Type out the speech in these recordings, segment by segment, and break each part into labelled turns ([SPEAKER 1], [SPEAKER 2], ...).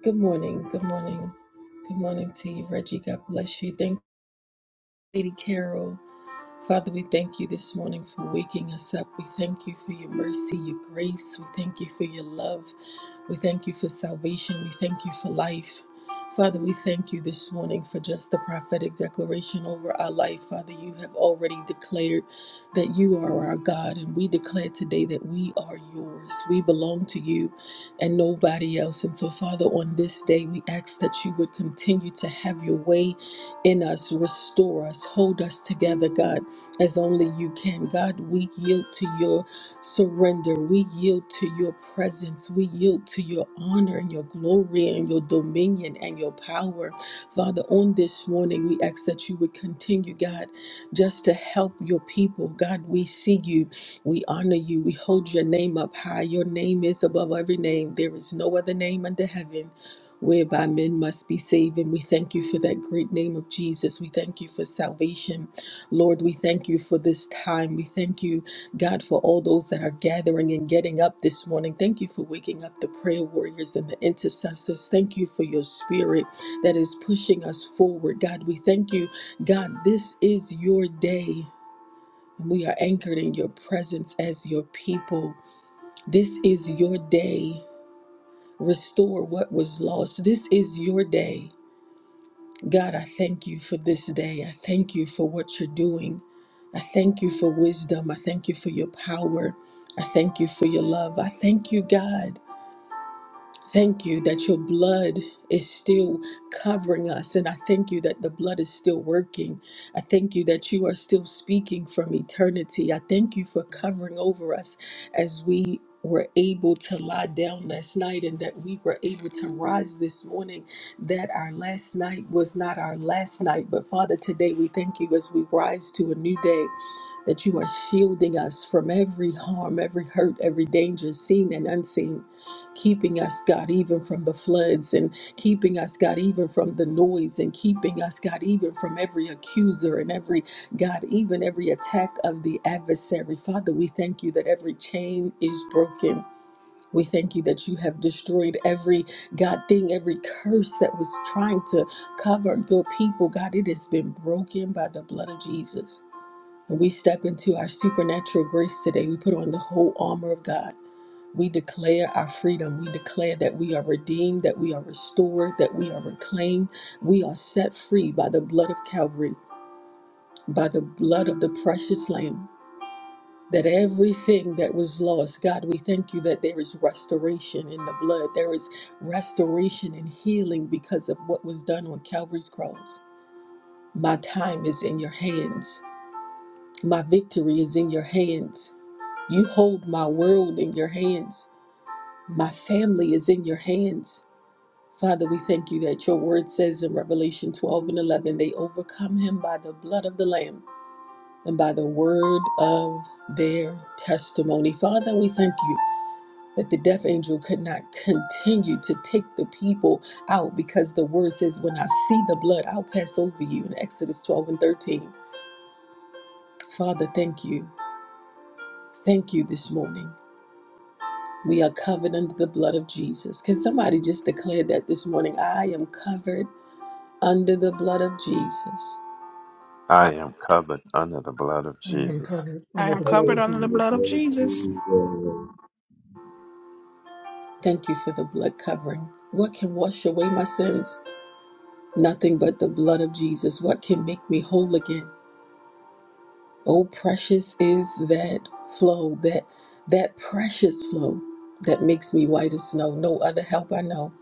[SPEAKER 1] Good morning. Good morning. Good morning to you, Reggie. God bless you. Thank you, Lady Carol. Father, we thank you this morning for waking us up. We thank you for your mercy, your grace. We thank you for your love. We thank you for salvation. We thank you for life. Father, we thank you this morning for just the prophetic declaration over our life. Father, you have already declared that you are our God, and we declare today that we are yours. We belong to you and nobody else. And so, Father, on this day, we ask that you would continue to have your way in us, restore us, hold us together, God as only you can. God, we yield to your surrender. We yield to your presence. We yield to your honor and your glory and your dominion and your power. Father, on this morning, we ask that you would continue, God, just to help your people. God, we see you. We honor you. We hold your name up high. Your name is above every name. There is no other name under heaven whereby men must be saved. And we thank you for that great name of Jesus. We thank you for salvation. Lord, we thank you for this time. We thank you, God, for all those that are gathering and getting up this morning. Thank you for waking up the prayer warriors and the intercessors. Thank you for your spirit that is pushing us forward. God, we thank you. God, this is your day. We are anchored in your presence as your people. This is your day. Restore what was lost. This is your day. God, I thank you for this day. I thank you for what you're doing. I thank you for wisdom. I thank you for your power. I thank you for your love. I thank you, God. Thank you that your blood is still covering us. And I thank you that the blood is still working. I thank you that you are still speaking from eternity. I thank you for covering over us as we were able to lie down last night and that we were able to rise this morning. That our last night was not our last night. But Father, today we thank you as we rise to a new day. That you are shielding us from every harm, every hurt, every danger, seen and unseen keeping us, God, even from the floods and keeping us, God, even from the noise and keeping us, God, even from every accuser and every, God, even every attack of the adversary. Father, we thank you that every chain is broken. We thank you that you have destroyed every God thing, every curse that was trying to cover your people. God, it has been broken by the blood of Jesus. When we step into our supernatural grace today, we put on the whole armor of God. We declare our freedom. We declare that we are redeemed, that we are restored, that we are reclaimed. We are set free by the blood of Calvary, by the blood of the precious Lamb. That everything that was lost, God, we thank you that there is restoration in the blood. There is restoration and healing because of what was done on Calvary's cross. My time is in your hands. My victory is in your hands. You hold my world in your hands. My family is in your hands. Father, we thank you that your word says in Revelation 12 and 11, they overcome him by the blood of the Lamb and by the word of their testimony. Father, we thank you that the death angel could not continue to take the people out because the word says, when I see the blood, I'll pass over you in Exodus 12 and 13. Father, thank you. Thank you this morning. We are covered under the blood of Jesus. Can somebody just declare that this morning? I am covered under the blood of Jesus.
[SPEAKER 2] I am covered under the blood of
[SPEAKER 3] I am
[SPEAKER 2] Jesus.
[SPEAKER 3] covered
[SPEAKER 4] I
[SPEAKER 3] under
[SPEAKER 4] am
[SPEAKER 3] the blood
[SPEAKER 5] cover
[SPEAKER 4] covered
[SPEAKER 3] of
[SPEAKER 4] under the
[SPEAKER 5] under the
[SPEAKER 4] blood of
[SPEAKER 3] Jesus.
[SPEAKER 5] blood of
[SPEAKER 4] Jesus.
[SPEAKER 5] Jesus.
[SPEAKER 1] Thank you for the blood covering. What can wash away my sins? Nothing but the blood of Jesus. What can make me whole again? Oh, precious is that flow, that that precious flow that makes me white as snow. No other help I know.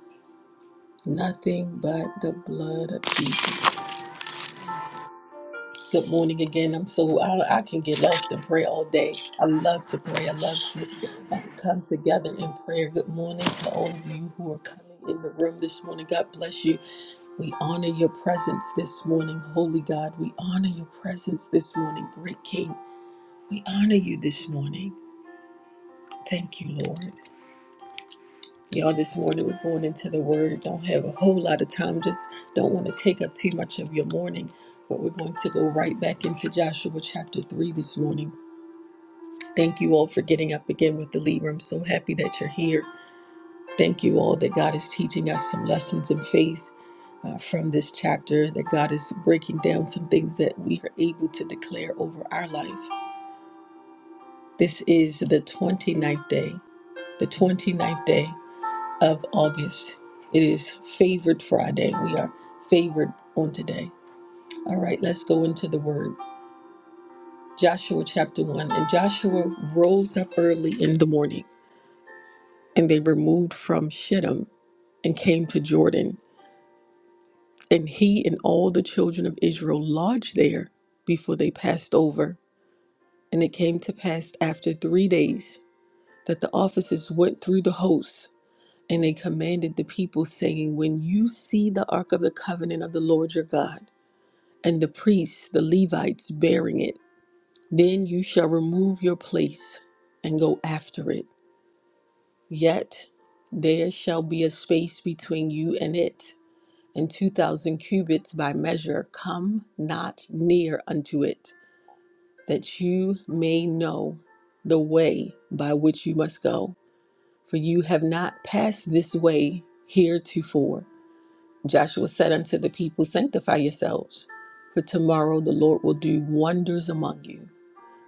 [SPEAKER 1] Nothing but the blood of Jesus. Good morning again. I'm so I, I can get lost in prayer all day. I love to pray. I love to uh, come together in prayer. Good morning to all of you who are coming in the room this morning. God bless you. We honor your presence this morning, Holy God. We honor your presence this morning, Great King. We honor you this morning. Thank you, Lord. Y'all, this morning we're going into the Word. Don't have a whole lot of time. Just don't want to take up too much of your morning. But we're going to go right back into Joshua chapter 3 this morning. Thank you all for getting up again with the Libra. I'm so happy that you're here. Thank you all that God is teaching us some lessons in faith uh, from this chapter, that God is breaking down some things that we are able to declare over our life. This is the 29th day, the 29th day of August. It is favored Friday. We are favored on today. All right, let's go into the word. Joshua chapter 1. And Joshua rose up early in the morning, and they removed from Shittim and came to Jordan. And he and all the children of Israel lodged there before they passed over. And it came to pass after three days that the officers went through the hosts, and they commanded the people, saying, When you see the ark of the covenant of the Lord your God, and the priests, the Levites, bearing it, then you shall remove your place and go after it. Yet there shall be a space between you and it and two thousand cubits by measure, come not near unto it, that you may know the way by which you must go, for you have not passed this way heretofore. Joshua said unto the people, Sanctify yourselves, for tomorrow the Lord will do wonders among you.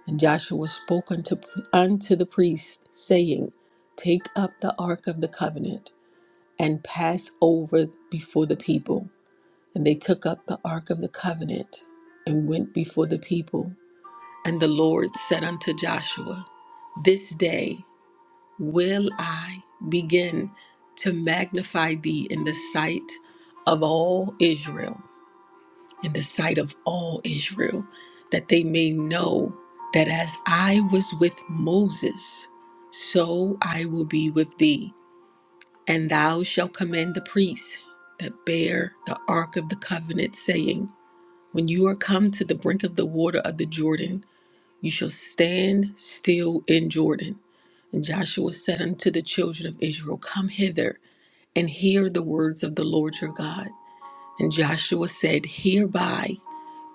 [SPEAKER 1] And Joshua spoke unto, unto the priests, saying, Take up the ark of the covenant and pass over before the people. And they took up the ark of the covenant and went before the people. And the Lord said unto Joshua, This day will I begin to magnify thee in the sight of all Israel, in the sight of all Israel, that they may know that as I was with Moses, so I will be with thee. And thou shalt command the priests that bear the ark of the covenant, saying, when you are come to the brink of the water of the Jordan, you shall stand still in Jordan. And Joshua said unto the children of Israel, Come hither and hear the words of the Lord your God. And Joshua said, Hereby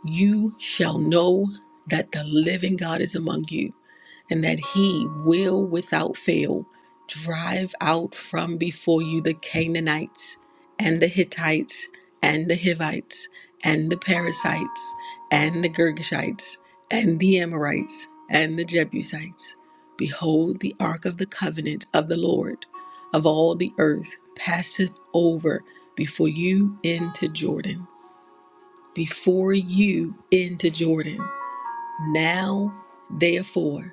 [SPEAKER 1] you shall know that the living God is among you, and that he will without fail drive out from before you the Canaanites and the Hittites and the Hivites and the Perizzites and the Girgashites and the Amorites and the Jebusites. Behold, the ark of the covenant of the Lord of all the earth passeth over before you into Jordan. Before you into Jordan. Now, therefore,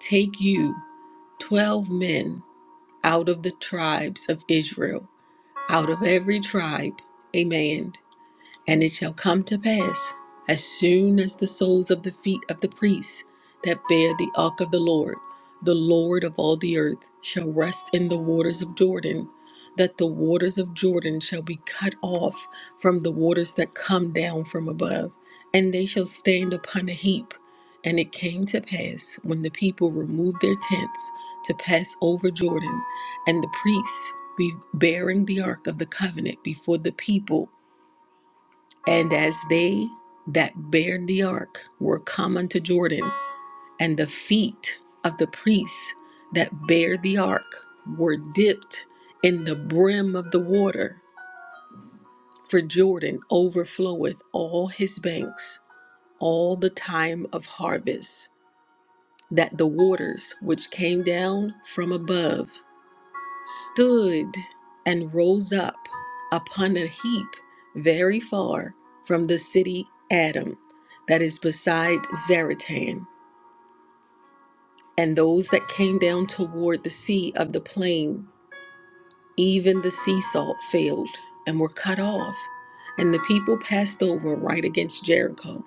[SPEAKER 1] take you Twelve men out of the tribes of Israel, out of every tribe, a man. And it shall come to pass, as soon as the soles of the feet of the priests that bear the ark of the Lord, the Lord of all the earth, shall rest in the waters of Jordan, that the waters of Jordan shall be cut off from the waters that come down from above, and they shall stand upon a heap. And it came to pass, when the people removed their tents to pass over Jordan, and the priests be bearing the ark of the covenant before the people, and as they that bared the ark were come unto Jordan, and the feet of the priests that bare the ark were dipped in the brim of the water, for Jordan overfloweth all his banks all the time of harvest, that the waters which came down from above stood and rose up upon a heap very far from the city Adam, that is beside Zaratan, and those that came down toward the sea of the plain, even the sea salt failed and were cut off, and the people passed over right against Jericho.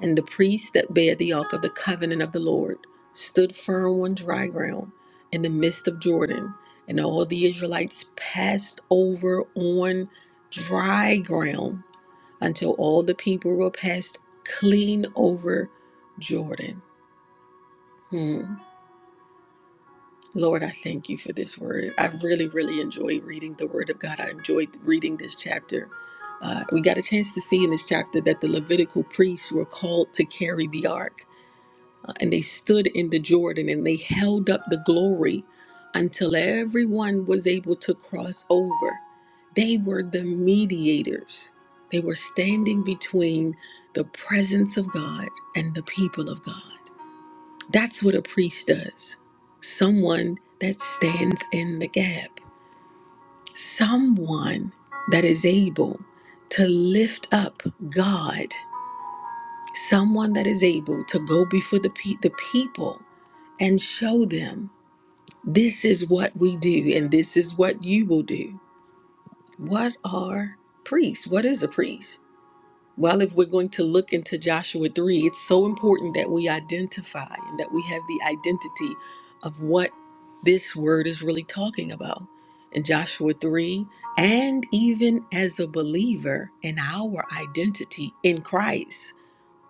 [SPEAKER 1] And the priests that bear the ark of the covenant of the Lord stood firm on dry ground in the midst of Jordan, and all the Israelites passed over on dry ground until all the people were passed clean over Jordan. Hmm. Lord, I thank you for this word. I really, really enjoy reading the word of God. I enjoyed reading this chapter. Uh, we got a chance to see in this chapter that the Levitical priests were called to carry the ark Uh, and they stood in the Jordan and they held up the glory until everyone was able to cross over. They were the mediators, they were standing between the presence of God and the people of God. That's what a priest does someone that stands in the gap, someone that is able to lift up God, someone that is able to go before the, pe- the people and show them this is what we do and this is what you will do. What are priests? What is a priest? Well, if we're going to look into Joshua 3, it's so important that we identify and that we have the identity of what this word is really talking about. In Joshua 3, and even as a believer in our identity in Christ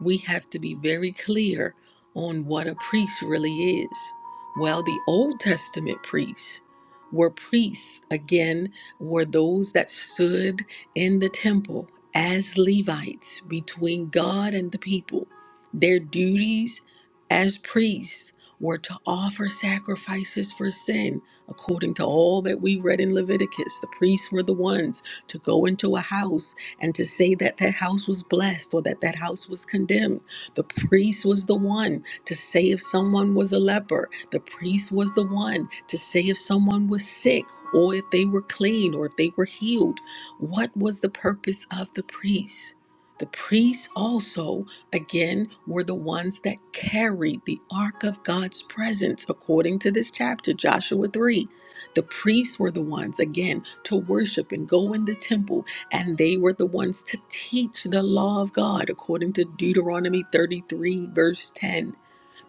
[SPEAKER 1] we have to be very clear on what a priest really is. Well, the Old Testament priests were priests, again, were those that stood in the temple as Levites between God and the people. Their duties as priests were to offer sacrifices for sin, according to all that we read in Leviticus. The priests were the ones to go into a house and to say that that house was blessed or that that house was condemned. The priest was the one to say if someone was a leper. The priest was the one to say if someone was sick or if they were clean or if they were healed. What was the purpose of the priest? The priests also, again, were the ones that carried the ark of God's presence, according to this chapter, Joshua 3. The priests were the ones, again, to worship and go in the temple and they were the ones to teach the law of God according to Deuteronomy 33, verse 10.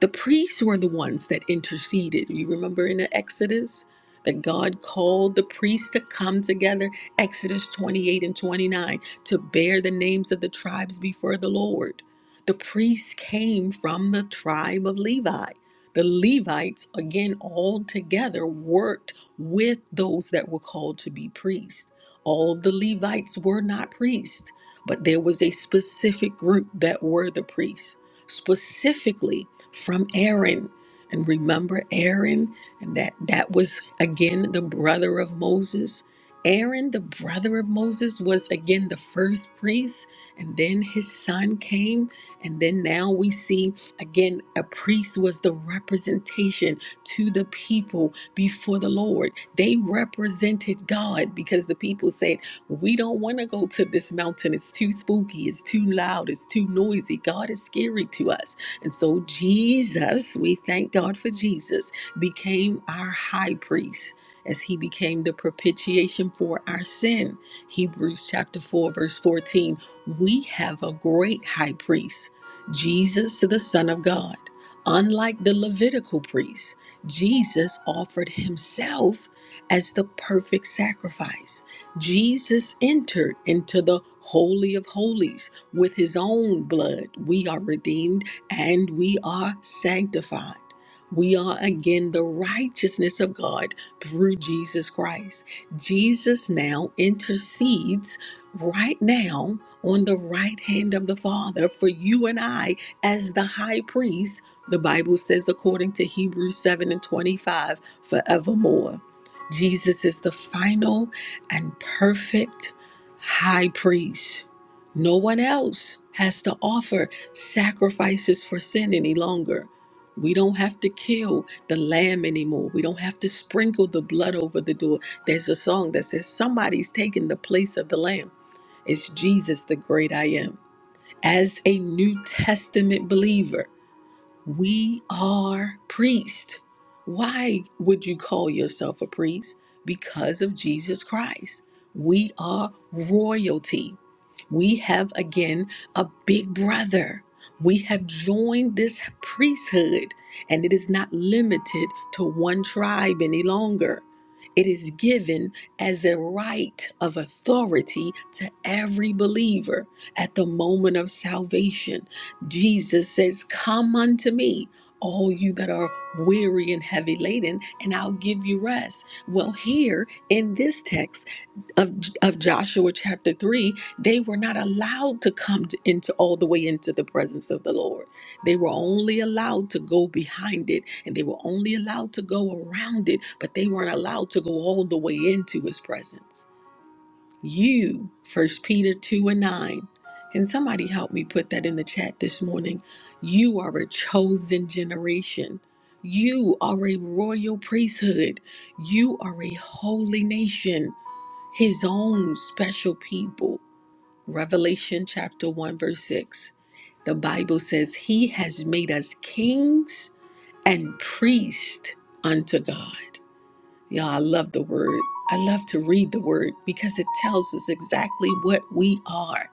[SPEAKER 1] The priests were the ones that interceded. You remember in Exodus that God called the priests to come together, Exodus 28 and 29, to bear the names of the tribes before the Lord. The priests came from the tribe of Levi. The Levites, again, all together worked with those that were called to be priests. All the Levites were not priests, but there was a specific group that were the priests, specifically from Aaron. And remember Aaron, and that that was again the brother of Moses. Aaron, the brother of Moses, was again the first priest, and then his son came, and then now we see again a priest was the representation to the people before the Lord. They represented God because the people said, We don't want to go to this mountain. It's too spooky. It's too loud. It's too noisy. God is scary to us. And so, Jesus, we thank God for Jesus, became our high priest. As he became the propitiation for our sin. Hebrews chapter 4, verse 14. We have a great high priest, Jesus, the Son of God. Unlike the Levitical priest, Jesus offered himself as the perfect sacrifice. Jesus entered into the Holy of Holies with his own blood. We are redeemed and we are sanctified. We are again the righteousness of God through Jesus Christ. Jesus now intercedes right now on the right hand of the Father for you and I as the high priest. The Bible says, according to Hebrews 7 and 25, forevermore. Jesus is the final and perfect high priest. No one else has to offer sacrifices for sin any longer. We don't have to kill the lamb anymore. We don't have to sprinkle the blood over the door. There's a song that says somebody's taking the place of the lamb. It's Jesus, the great I am. As a New Testament believer, we are priests. Why would you call yourself a priest? Because of Jesus Christ. We are royalty. We have again a big brother. We have joined this priesthood, and it is not limited to one tribe any longer. It is given as a right of authority to every believer at the moment of salvation. Jesus says, Come unto me, all you that are weary and heavy laden, and I'll give you rest. Well, here in this text, of, of Joshua chapter 3, they were not allowed to come to, into all the way into the presence of the Lord. They were only allowed to go behind it and they were only allowed to go around it, but they weren't allowed to go all the way into his presence. You, First Peter 2 and 9. Can somebody help me put that in the chat this morning? You are a chosen generation. You are a royal priesthood. You are a holy nation his own special people. Revelation chapter 1, verse 6. The Bible says, He has made us kings and priests unto God. Y'all, I love the word. I love to read the word because it tells us exactly what we are.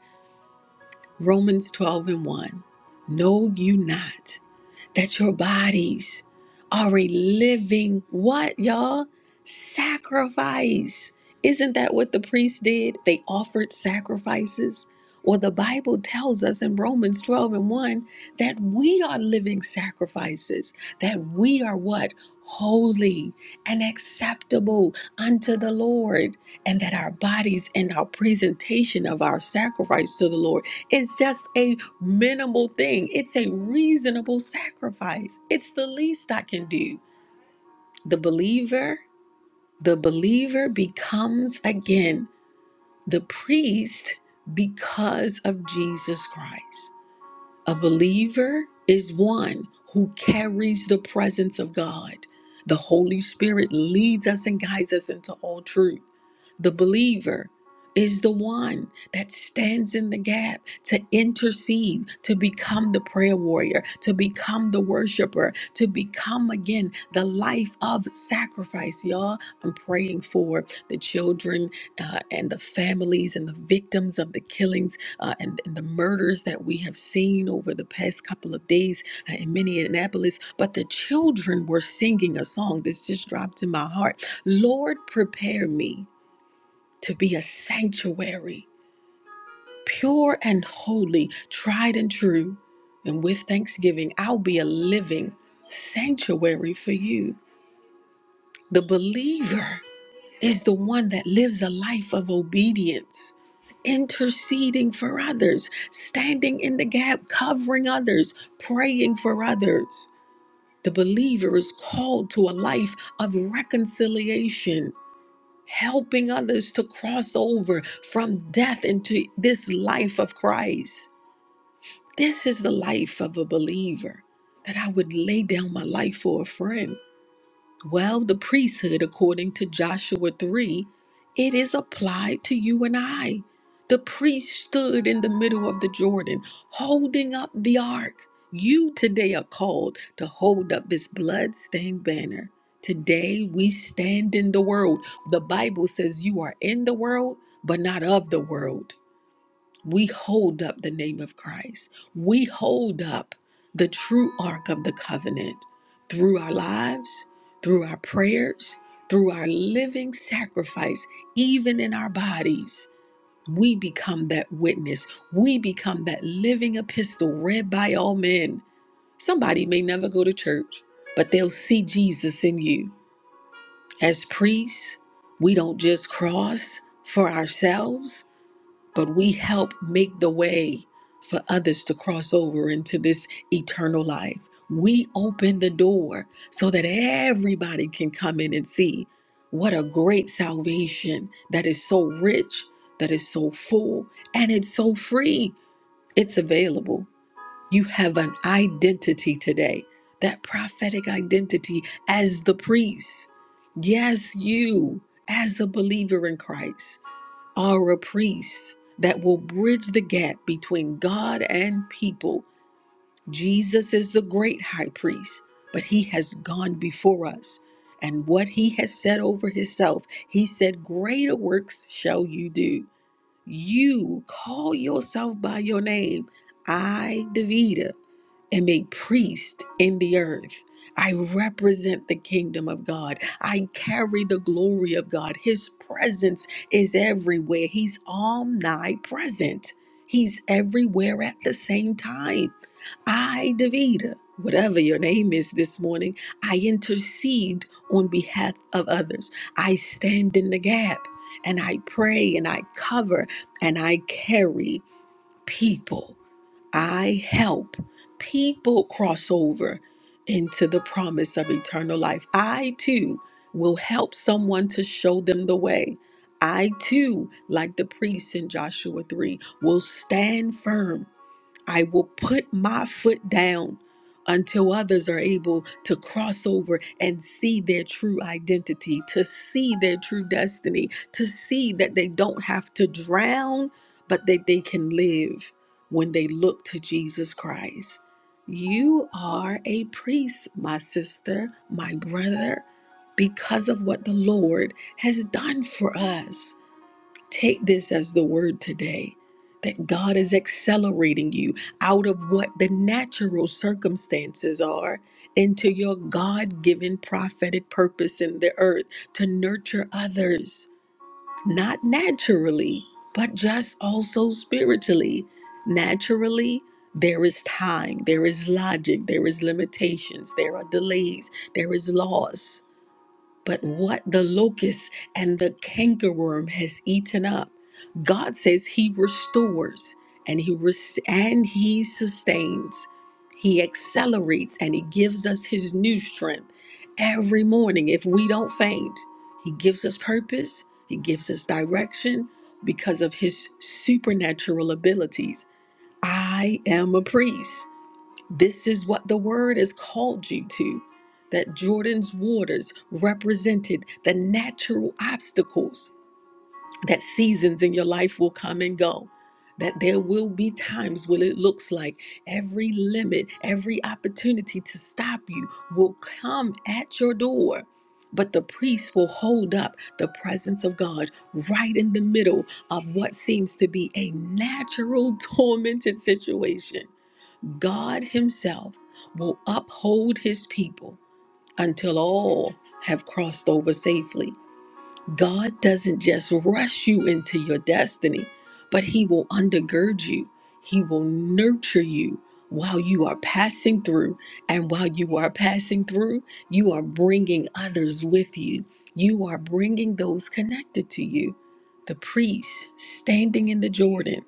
[SPEAKER 1] Romans 12 and 1. Know you not that your bodies are a living what, y'all? Sacrifice. Isn't that what the priests did? They offered sacrifices. Well, the Bible tells us in Romans 12 and 1 that we are living sacrifices, that we are what? Holy and acceptable unto the Lord, and that our bodies and our presentation of our sacrifice to the Lord is just a minimal thing. It's a reasonable sacrifice. It's the least I can do. The believer, the believer becomes again the priest because of Jesus Christ. A believer is one who carries the presence of God. The Holy Spirit leads us and guides us into all truth. The believer is the one that stands in the gap to intercede, to become the prayer warrior, to become the worshiper, to become again the life of sacrifice. Y'all, I'm praying for the children uh, and the families and the victims of the killings uh, and, and the murders that we have seen over the past couple of days uh, in Minneapolis. But the children were singing a song that's just dropped in my heart Lord, prepare me to be a sanctuary, pure and holy, tried and true. And with thanksgiving, I'll be a living sanctuary for you. The believer is the one that lives a life of obedience, interceding for others, standing in the gap, covering others, praying for others. The believer is called to a life of reconciliation, helping others to cross over from death into this life of Christ. This is the life of a believer that I would lay down my life for a friend. Well, the priesthood, according to Joshua 3, it is applied to you and I. The priest stood in the middle of the Jordan holding up the ark. You today are called to hold up this blood-stained banner. Today we stand in the world. The Bible says you are in the world, but not of the world. We hold up the name of Christ. We hold up the true ark of the covenant through our lives, through our prayers, through our living sacrifice, even in our bodies. We become that witness. We become that living epistle read by all men. Somebody may never go to church, but they'll see Jesus in you. As priests, we don't just cross for ourselves, but we help make the way for others to cross over into this eternal life. We open the door so that everybody can come in and see what a great salvation that is so rich, that is so full, and it's so free. It's available. You have an identity today, that prophetic identity as the priest. Yes, you, as a believer in Christ, are a priest that will bridge the gap between God and people. Jesus is the great high priest, but he has gone before us. And what he has said over himself, he said, Greater works shall you do. You call yourself by your name. I, Davida am a priest in the earth. I represent the kingdom of God. I carry the glory of God. His presence is everywhere. He's omnipresent. He's everywhere at the same time. I, Davida, whatever your name is this morning, I intercede on behalf of others. I stand in the gap and I pray and I cover and I carry people. I help people cross over into the promise of eternal life. I too will help someone to show them the way. I too, like the priests in Joshua 3, will stand firm I will put my foot down until others are able to cross over and see their true identity, to see their true destiny, to see that they don't have to drown, but that they can live when they look to Jesus Christ. You are a priest, my sister, my brother, because of what the Lord has done for us. Take this as the word today that God is accelerating you out of what the natural circumstances are into your God given prophetic purpose in the earth to nurture others, not naturally, but just also spiritually. Naturally, there is time, there is logic, there is limitations, there are delays, there is loss. But what the locust and the cankerworm has eaten up, God says He restores and He res- and He sustains. He accelerates and He gives us His new strength every morning. If we don't faint, He gives us purpose. He gives us direction because of His supernatural abilities. I am a priest. This is what the word has called you to. That Jordan's waters represented the natural obstacles that seasons in your life will come and go. That there will be times when it looks like every limit, every opportunity to stop you will come at your door. But the priest will hold up the presence of God right in the middle of what seems to be a natural, tormented situation God Himself will uphold His people until all have crossed over safely. God doesn't just rush you into your destiny, but He will undergird you. He will nurture you while you are passing through. And while you are passing through, you are bringing others with you. You are bringing those connected to you. The priest standing in the Jordan,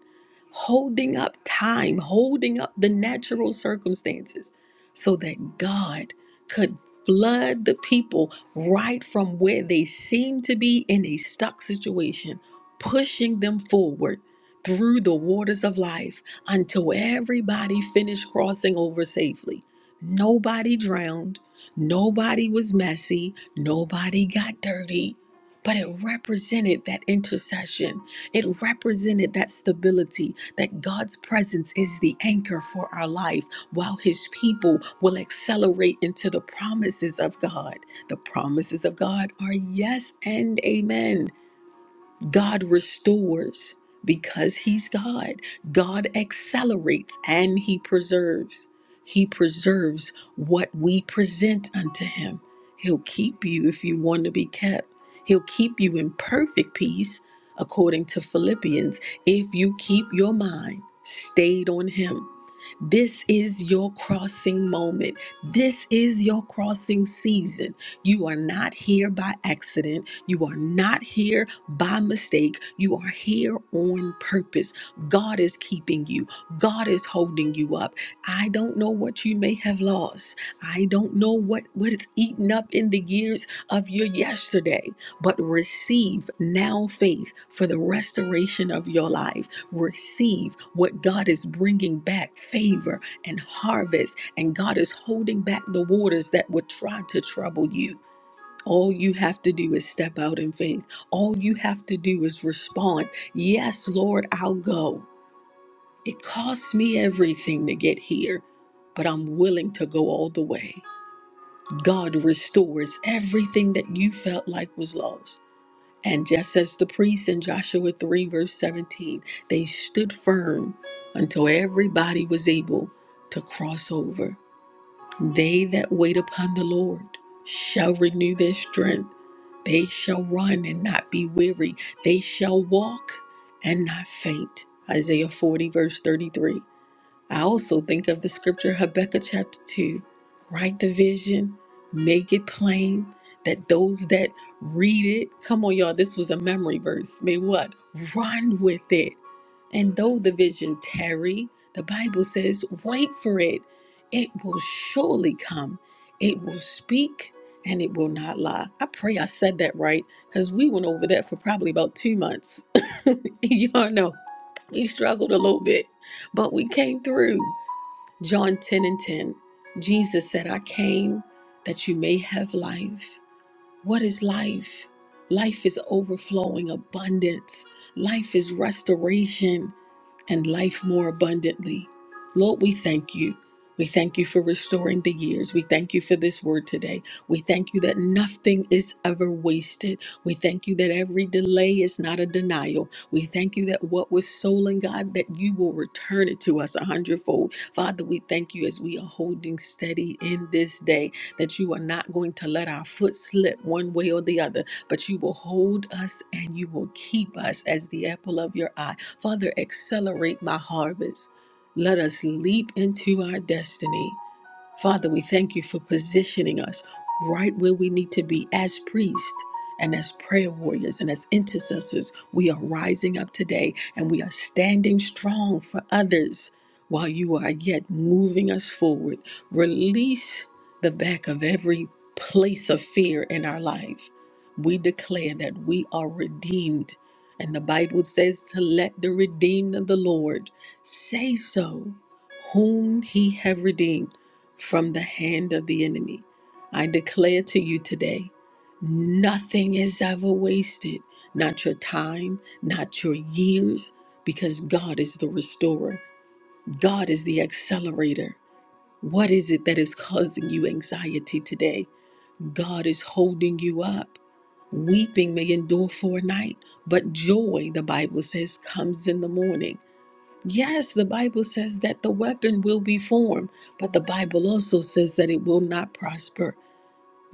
[SPEAKER 1] holding up time, holding up the natural circumstances so that God could flood the people right from where they seem to be in a stuck situation, pushing them forward through the waters of life until everybody finished crossing over safely. Nobody drowned, nobody was messy, nobody got dirty. But it represented that intercession. It represented that stability, that God's presence is the anchor for our life, while His people will accelerate into the promises of God. The promises of God are yes and amen. God restores because He's God. God accelerates and He preserves. He preserves what we present unto Him. He'll keep you if you want to be kept. He'll keep you in perfect peace, according to Philippians, if you keep your mind stayed on Him. This is your crossing moment. This is your crossing season. You are not here by accident. You are not here by mistake. You are here on purpose. God is keeping you, God is holding you up. I don't know what you may have lost. I don't know what, what is eaten up in the years of your yesterday, but receive now faith for the restoration of your life. Receive what God is bringing back favor and harvest, and God is holding back the waters that would try to trouble you all you have to do is step out in faith. All you have to do is respond, Yes, Lord, I'll go. It costs me everything to get here, but I'm willing to go all the way. God restores everything that you felt like was lost. And just as the priests in Joshua 3, verse 17, they stood firm until everybody was able to cross over. They that wait upon the Lord shall renew their strength. They shall run and not be weary. They shall walk and not faint. Isaiah 40, verse 33. I also think of the scripture Habakkuk chapter 2 write the vision, make it plain that those that read it, come on, y'all, this was a memory verse, may what? Run with it. And though the vision tarry, the Bible says, wait for it. It will surely come. It will speak and it will not lie. I pray I said that right because we went over that for probably about two months. y'all know we struggled a little bit, but we came through. John 10 and 10, Jesus said, I came that you may have life. What is life? Life is overflowing abundance, life is restoration, and life more abundantly. Lord, we thank you. We thank you for restoring the years. We thank you for this word today. We thank you that nothing is ever wasted. We thank you that every delay is not a denial. We thank you that what was stolen, God, that you will return it to us a hundredfold. Father, we thank you as we are holding steady in this day, that you are not going to let our foot slip one way or the other, but you will hold us and you will keep us as the apple of your eye. Father, accelerate my harvest. Let us leap into our destiny. Father, we thank you for positioning us right where we need to be as priests and as prayer warriors and as intercessors. We are rising up today and we are standing strong for others while you are yet moving us forward. Release the back of every place of fear in our life. We declare that we are redeemed. And the Bible says to let the redeemed of the Lord say so, whom he have redeemed from the hand of the enemy. I declare to you today, nothing is ever wasted, not your time, not your years, because God is the restorer, God is the accelerator. What is it that is causing you anxiety today? God is holding you up. Weeping may endure for a night, but joy, the Bible says, comes in the morning. Yes, the Bible says that the weapon will be formed, but the Bible also says that it will not prosper.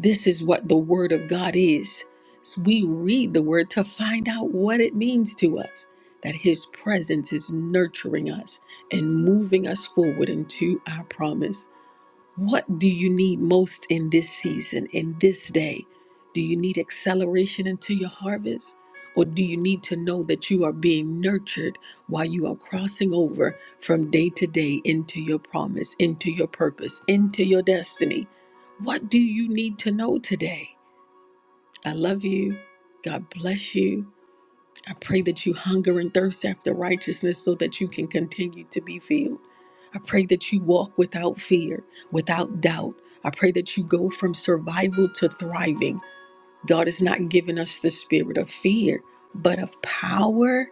[SPEAKER 1] This is what the Word of God is. So we read the Word to find out what it means to us, that His presence is nurturing us and moving us forward into our promise. What do you need most in this season, in this day? Do you need acceleration into your harvest? Or do you need to know that you are being nurtured while you are crossing over from day to day into your promise, into your purpose, into your destiny? What do you need to know today? I love you. God bless you. I pray that you hunger and thirst after righteousness so that you can continue to be filled. I pray that you walk without fear, without doubt. I pray that you go from survival to thriving. God has not given us the spirit of fear, but of power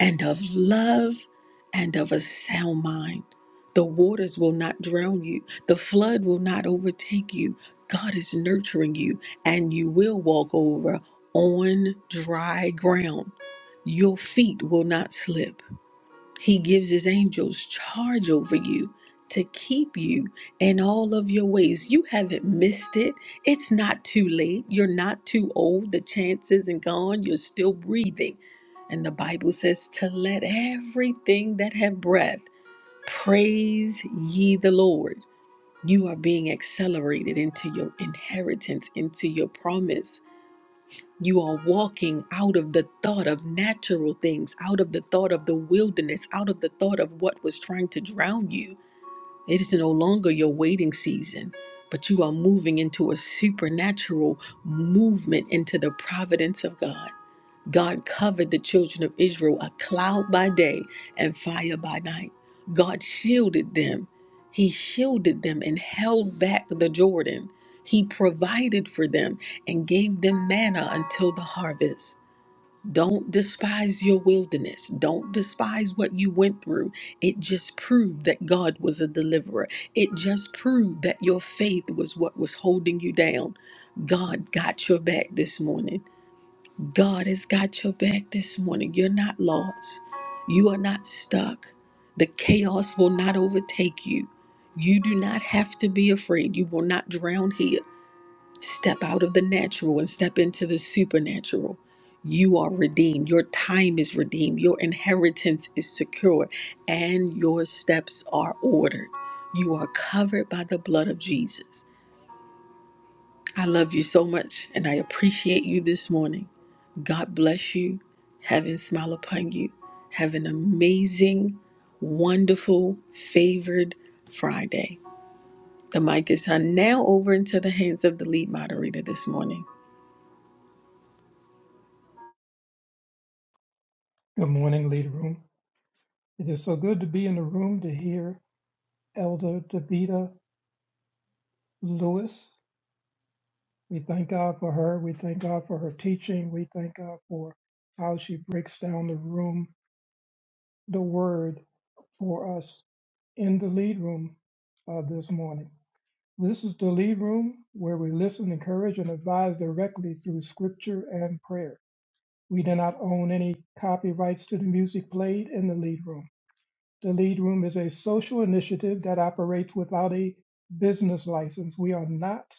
[SPEAKER 1] and of love and of a sound mind. The waters will not drown you, the flood will not overtake you. God is nurturing you, and you will walk over on dry ground. Your feet will not slip. He gives his angels charge over you to keep you in all of your ways. You haven't missed it. It's not too late. You're not too old. The chance isn't gone. You're still breathing. And the Bible says to let everything that have breath praise ye the Lord. You are being accelerated into your inheritance, into your promise you are walking out of the thought of natural things, out of the thought of the wilderness, out of the thought of what was trying to drown you. It is no longer your waiting season, but you are moving into a supernatural movement into the providence of God. God covered the children of Israel a cloud by day and fire by night. God shielded them. He shielded them and held back the Jordan. He provided for them and gave them manna until the harvest. Don't despise your wilderness. Don't despise what you went through. It just proved that God was a deliverer. It just proved that your faith was what was holding you down. God got your back this morning. God has got your back this morning. You're not lost. You are not stuck. The chaos will not overtake you. You do not have to be afraid. You will not drown here. Step out of the natural and step into the supernatural. You are redeemed. Your time is redeemed. Your inheritance is secure and your steps are ordered. You are covered by the blood of Jesus. I love you so much and I appreciate you this morning. God bless you. Heaven smile upon you. Have an amazing, wonderful, favored Friday. The mic is turned now over into the hands of the lead moderator this morning.
[SPEAKER 3] Good morning, Lead Room. It is so good to be in the room to hear Elder Davida Lewis. We thank God for her. We thank God for her teaching. We thank God for how she breaks down the room, the word for us in the lead room uh, this morning. This is the lead room where we listen, encourage, and advise directly through scripture and prayer. We do not own any copyrights to the music played in the lead room. The Lead Room is a social initiative that operates without a business license. We are not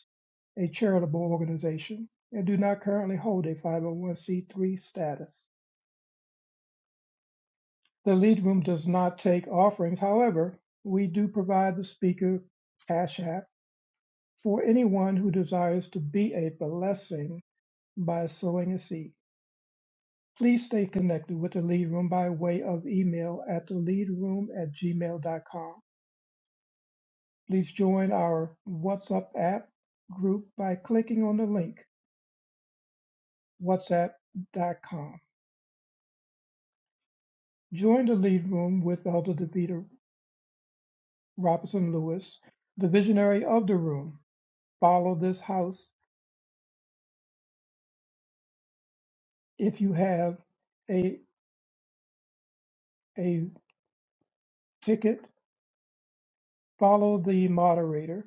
[SPEAKER 3] a charitable organization and do not currently hold a 501c3 status. The Lead Room does not take offerings. However, we do provide the speaker cash app for anyone who desires to be a blessing by sowing a seed. Please stay connected with the Lead Room by way of email at the lead room at gmail.com. Please join our WhatsApp app group by clicking on the link whatsapp.com. Join the lead room with Elder DeVita Robinson Lewis, the visionary of the room. Follow this house if you have a, a ticket. Follow the moderator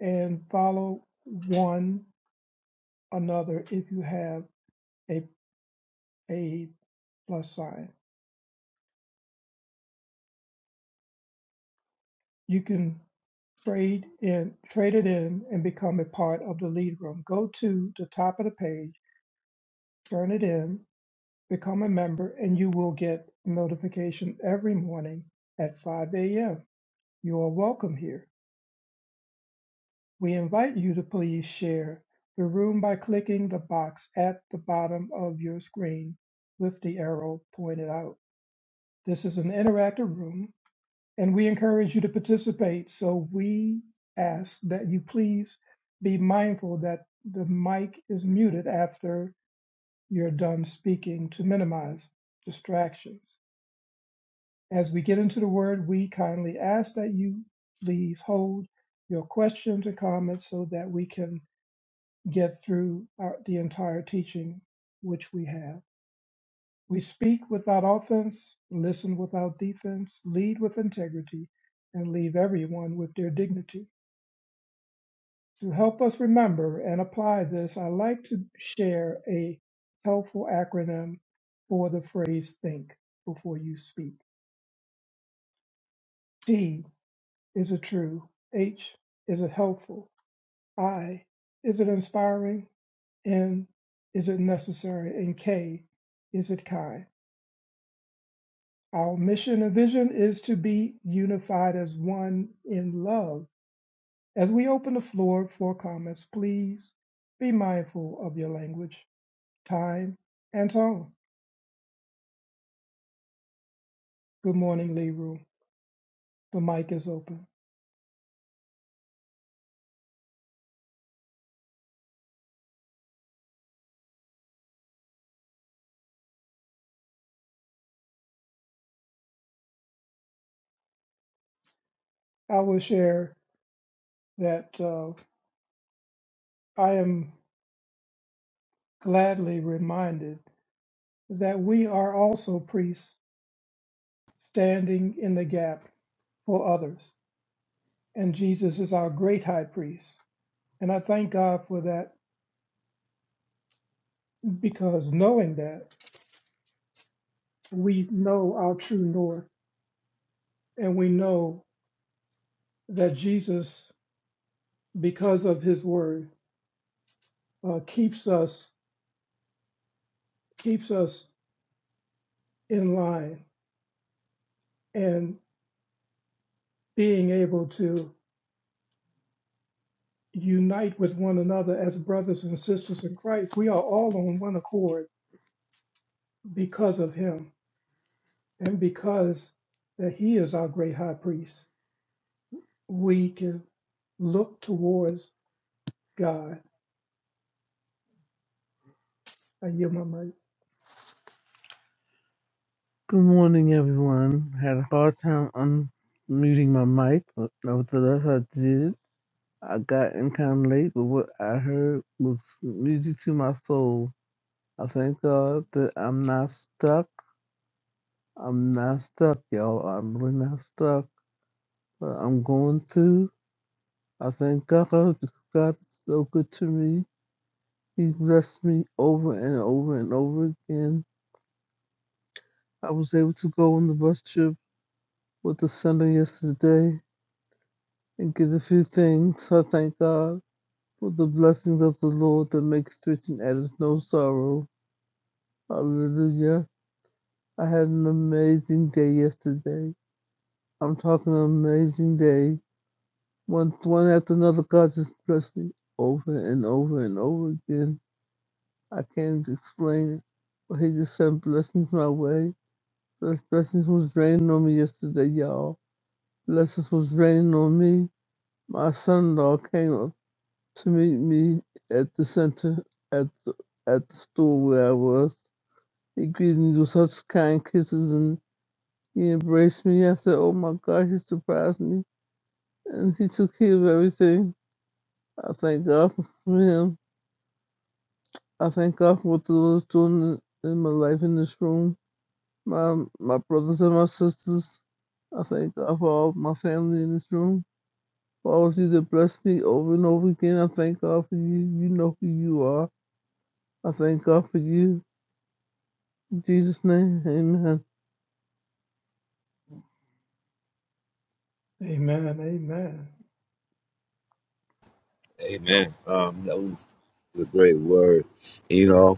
[SPEAKER 3] and follow one another if you have a, a plus sign. You can trade in, trade it in, and become a part of the lead room. Go to the top of the page, turn it in, become a member, and you will get a notification every morning at 5 a.m. You are welcome here. We invite you to please share the room by clicking the box at the bottom of your screen with the arrow pointed out. This is an interactive room and we encourage you to participate. So we ask that you please be mindful that the mic is muted after you're done speaking to minimize distractions. As we get into the word, we kindly ask that you please hold your questions and comments so that we can get through our, the entire teaching which we have. We speak without offense, listen without defense, lead with integrity, and leave everyone with their dignity. To help us remember and apply this, I like to share a helpful acronym for the phrase think before you speak. T is it true? H is it helpful? I is it inspiring? N is it necessary? And K is it kind? Our mission and vision is to be unified as one in love. As we open the floor for comments, please be mindful of your language. time, and tone. Good morning, Leroy. The mic is open. I will share that uh, I am gladly reminded that we are also priests standing in the gap for others, and Jesus is our great high priest. And I thank God for that because knowing that, we know our true north, and we know that Jesus, because of his word, uh, keeps us keeps us in line and being able to unite with one another as brothers and sisters in Christ. We are all on one accord because of him and because that he is our great high priest. We can look towards God. I yield my mic.
[SPEAKER 6] Good morning, everyone. Had a hard time unmuting my mic, but nevertheless, I did. I got in kind of late, but what I heard was music to my soul. I thank God that I'm not stuck. I'm not stuck, y'all. I'm really not stuck. But I'm going through. I thank God because God is so good to me. He blessed me over and over and over again. I was able to go on the bus trip with the Sunday yesterday. and give a few thanks. I thank God for the blessings of the Lord that makes rich and addeth no sorrow. Hallelujah. I had an amazing day yesterday. I'm talking an amazing day. One, one after another, God just blessed me over and over and over again. I can't explain it, but He just sent blessings my way. Bless- Blessings was raining on me yesterday, y'all. Blessings was raining on me. My son-in-law came. to meet me at the center at the, at the store where I was. He greeted me with such kind kisses and he embraced me. I said, Oh my God, he surprised me. And he took care of everything. I thank God for him. I thank God for what the Lord is doing in my life in this room. My my brothers and my sisters. I thank God for all my family in this room. For all of you that bless me over and over again. I thank God for you. You know who you are. I thank God for you. Jesus' name, amen.
[SPEAKER 3] Amen. Amen.
[SPEAKER 5] Amen. Um, that was a great word. You know,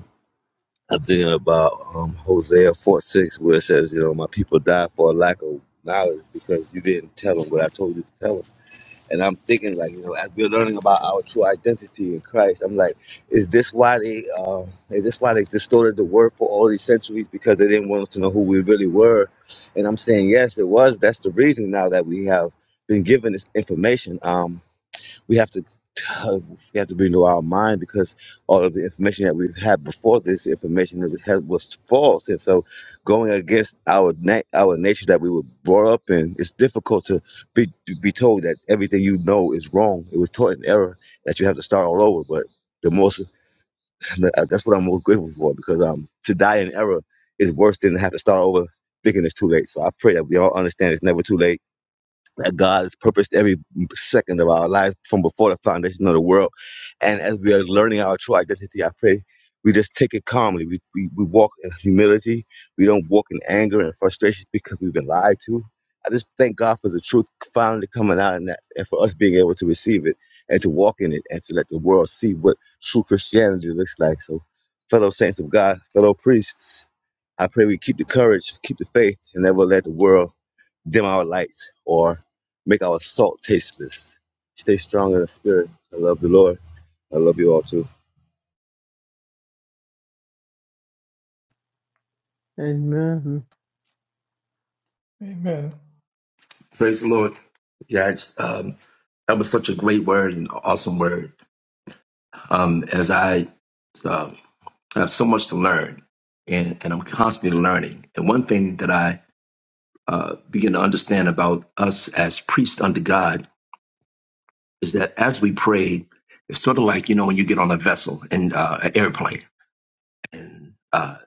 [SPEAKER 5] I'm thinking about um, Hosea 4 6, where it says, You know, my people die for a lack of knowledge because you didn't tell them what I told you to tell them. And I'm thinking, like, you know, as we're learning about our true identity in Christ, I'm like, is this why they, uh, is this why they distorted the word for all these centuries because they didn't want us to know who we really were? And I'm saying, yes, it was. That's the reason now that we have been given this information. Um, we have to we have to renew our mind because all of the information that we've had before this information that we had was false and so going against our na- our nature that we were brought up in it's difficult to be to be told that everything you know is wrong it was taught in error that you have to start all over but the most that's what i'm most grateful for because um to die in error is worse than to have to start over thinking it's too late so i pray that we all understand it's never too late that God has purposed every second of our lives from before the foundation of the world. And as we are learning our true identity, I pray we just take it calmly. We, we, we walk in humility. We don't walk in anger and frustration because we've been lied to. I just thank God for the truth finally coming out in that and for us being able to receive it and to walk in it and to let the world see what true Christianity looks like. So, fellow saints of God, fellow priests, I pray we keep the courage, keep the faith, and never let the world dim our lights or make our salt tasteless. Stay strong in the spirit. I love the Lord. I love you all too.
[SPEAKER 6] Amen.
[SPEAKER 3] Amen.
[SPEAKER 7] Praise the Lord. Yeah, it's, um, that was such a great word and awesome word. Um, as I um, have so much to learn, and, and I'm constantly learning. And one thing that I uh, begin to understand about us as priests under God is that as we pray, it's sort of like you know when you get on a vessel and uh, an airplane, and uh,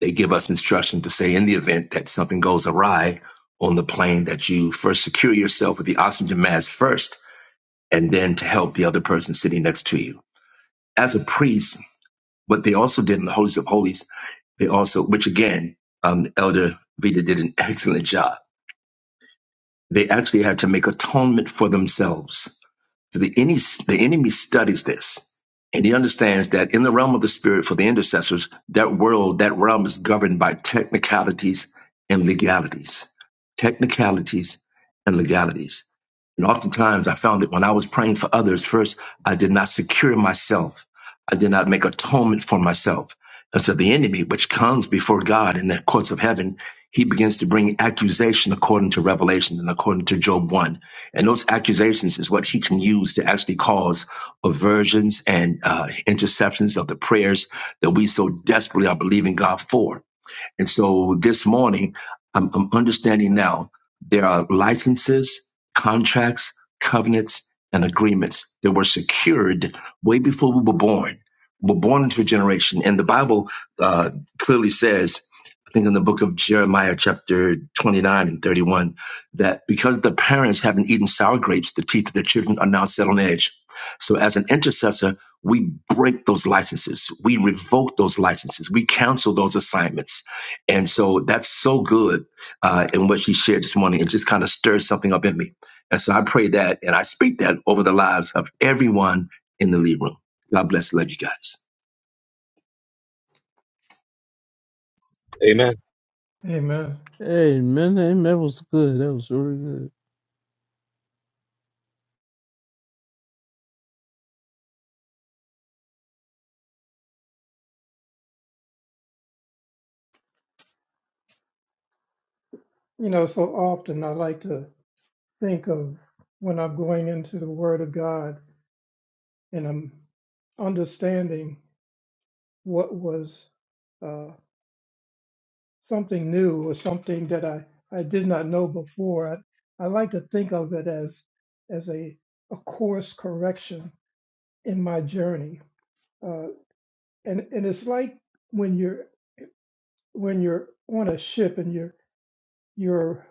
[SPEAKER 7] they give us instruction to say in the event that something goes awry on the plane that you first secure yourself with the oxygen mask first and then to help the other person sitting next to you. As a priest, what they also did in the Holies of Holies, they also, which again, um, Elder Vida did an excellent job. They actually had to make atonement for themselves so the, any, the enemy studies this, and he understands that in the realm of the spirit, for the intercessors, that world, that realm is governed by technicalities and legalities. Technicalities and legalities. And oftentimes I found that when I was praying for others first, I did not secure myself. I did not make atonement for myself. And so the enemy, which comes before God in the courts of heaven, he begins to bring accusation according to Revelation and according to Job 1 and those accusations is what he can use to actually cause aversions and uh, interceptions of the prayers that we so desperately are believing God for. And so this morning, I'm, I'm understanding now there are licenses, contracts, covenants, and agreements that were secured way before we were born. We We're born into a generation, and the Bible uh, clearly says, I think in the book of Jeremiah, chapter 29 and 31, that because the parents haven't eaten sour grapes, the teeth of their children are now set on edge. So, as an intercessor, we break those licenses, we revoke those licenses, we cancel those assignments and so that's so good uh, in what she shared this morning. It just kind of stirs something up in me. And so I pray that and I speak that over the lives of everyone in the lead room. God bless. Love you guys.
[SPEAKER 5] Amen.
[SPEAKER 3] Amen.
[SPEAKER 6] Amen. Amen. That was good. That was really good.
[SPEAKER 3] You know, so often I like to think of when I'm going into the Word of God and I'm understanding what was uh, something new or something that I, I did not know before. I, I like to think of it as as a, a course correction in my journey. Uh, and and it's like when you're when you're on a ship and you're you're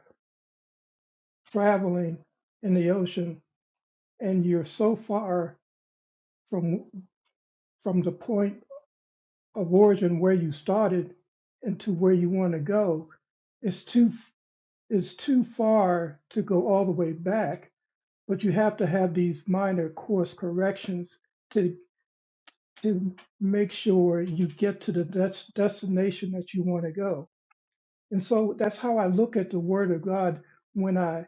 [SPEAKER 3] traveling in the ocean and you're so far from from the point of origin where you started and to where you want to go, it's too it's too far to go all the way back but you have to have these minor course corrections to to make sure you get to the des- destination that you want to go. And so that's how I look at the Word of God when I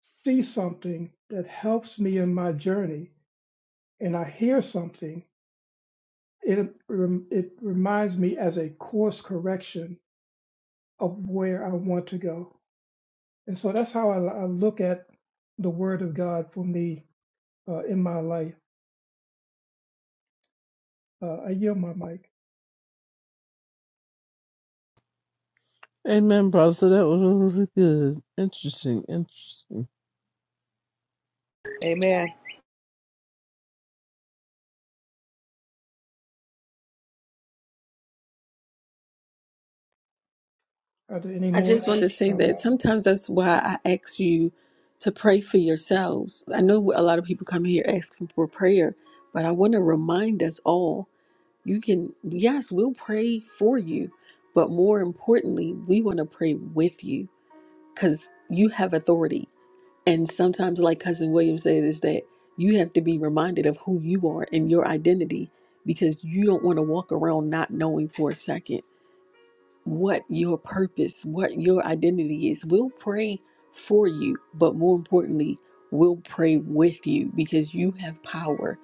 [SPEAKER 3] see something that helps me in my journey, and I hear something. It rem- it reminds me as a course correction of where I want to go. And so that's how I, I look at the Word of God for me uh, in my life. Uh, I yield my mic.
[SPEAKER 6] Amen, brother. That was really good. Interesting. Interesting.
[SPEAKER 8] Amen.
[SPEAKER 3] Are there any
[SPEAKER 1] I
[SPEAKER 3] more
[SPEAKER 1] just want to say that
[SPEAKER 3] comments?
[SPEAKER 1] sometimes that's why I ask you to pray for yourselves. I know a lot of people come here asking for prayer, but I want to remind us all you can, yes, we'll pray for you, but more importantly, we want to pray with you because you have authority And sometimes, like Cousin William said, is that you have to be reminded of who you are and your identity because you don't want to walk around not knowing for a second what your purpose, what your identity is. We'll pray for you, but more importantly, we'll pray with you because you have power.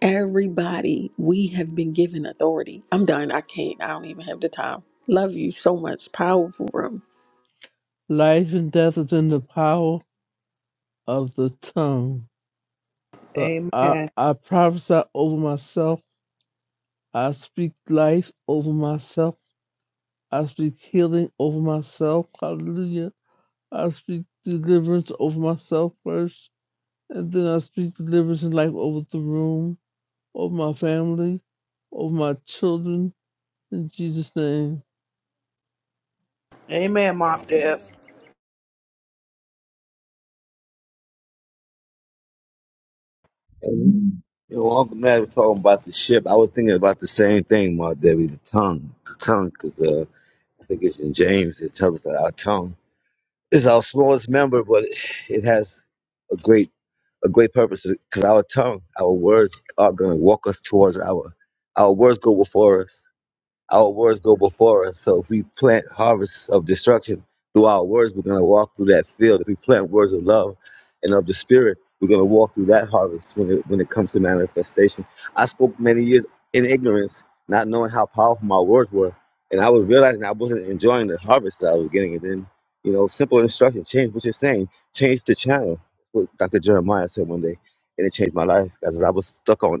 [SPEAKER 1] Everybody, we have been given authority. I'm done. I can't. I don't even have the time. Love you so much. Powerful room.
[SPEAKER 6] Life and death is in the power of the tongue. So I,
[SPEAKER 8] Amen.
[SPEAKER 6] I prophesy over myself. I speak life over myself. I speak healing over myself. Hallelujah. I speak deliverance over myself first. And then I speak deliverance and life over the room. over my family, over my children. In Jesus' name.
[SPEAKER 8] Amen, Mom Deb.
[SPEAKER 5] Amen. Yo, well, I'm glad talking about the ship. I was thinking about the same thing, my Debbie, the tongue. The tongue, because uh, I think it's in James, it tells us that our tongue is our smallest member, but it has a great a great purpose because our tongue, our words are going to walk us towards our, our words go before us Our words go before us. So if we plant harvests of destruction through our words, we're going to walk through that field. If we plant words of love and of the Spirit, we're going to walk through that harvest when it, when it comes to manifestation. I spoke many years in ignorance, not knowing how powerful my words were. And I was realizing I wasn't enjoying the harvest that I was getting. And then, you know, simple instruction change what you're saying, change the channel. What Dr. Jeremiah said one day. And it changed my life because I was stuck on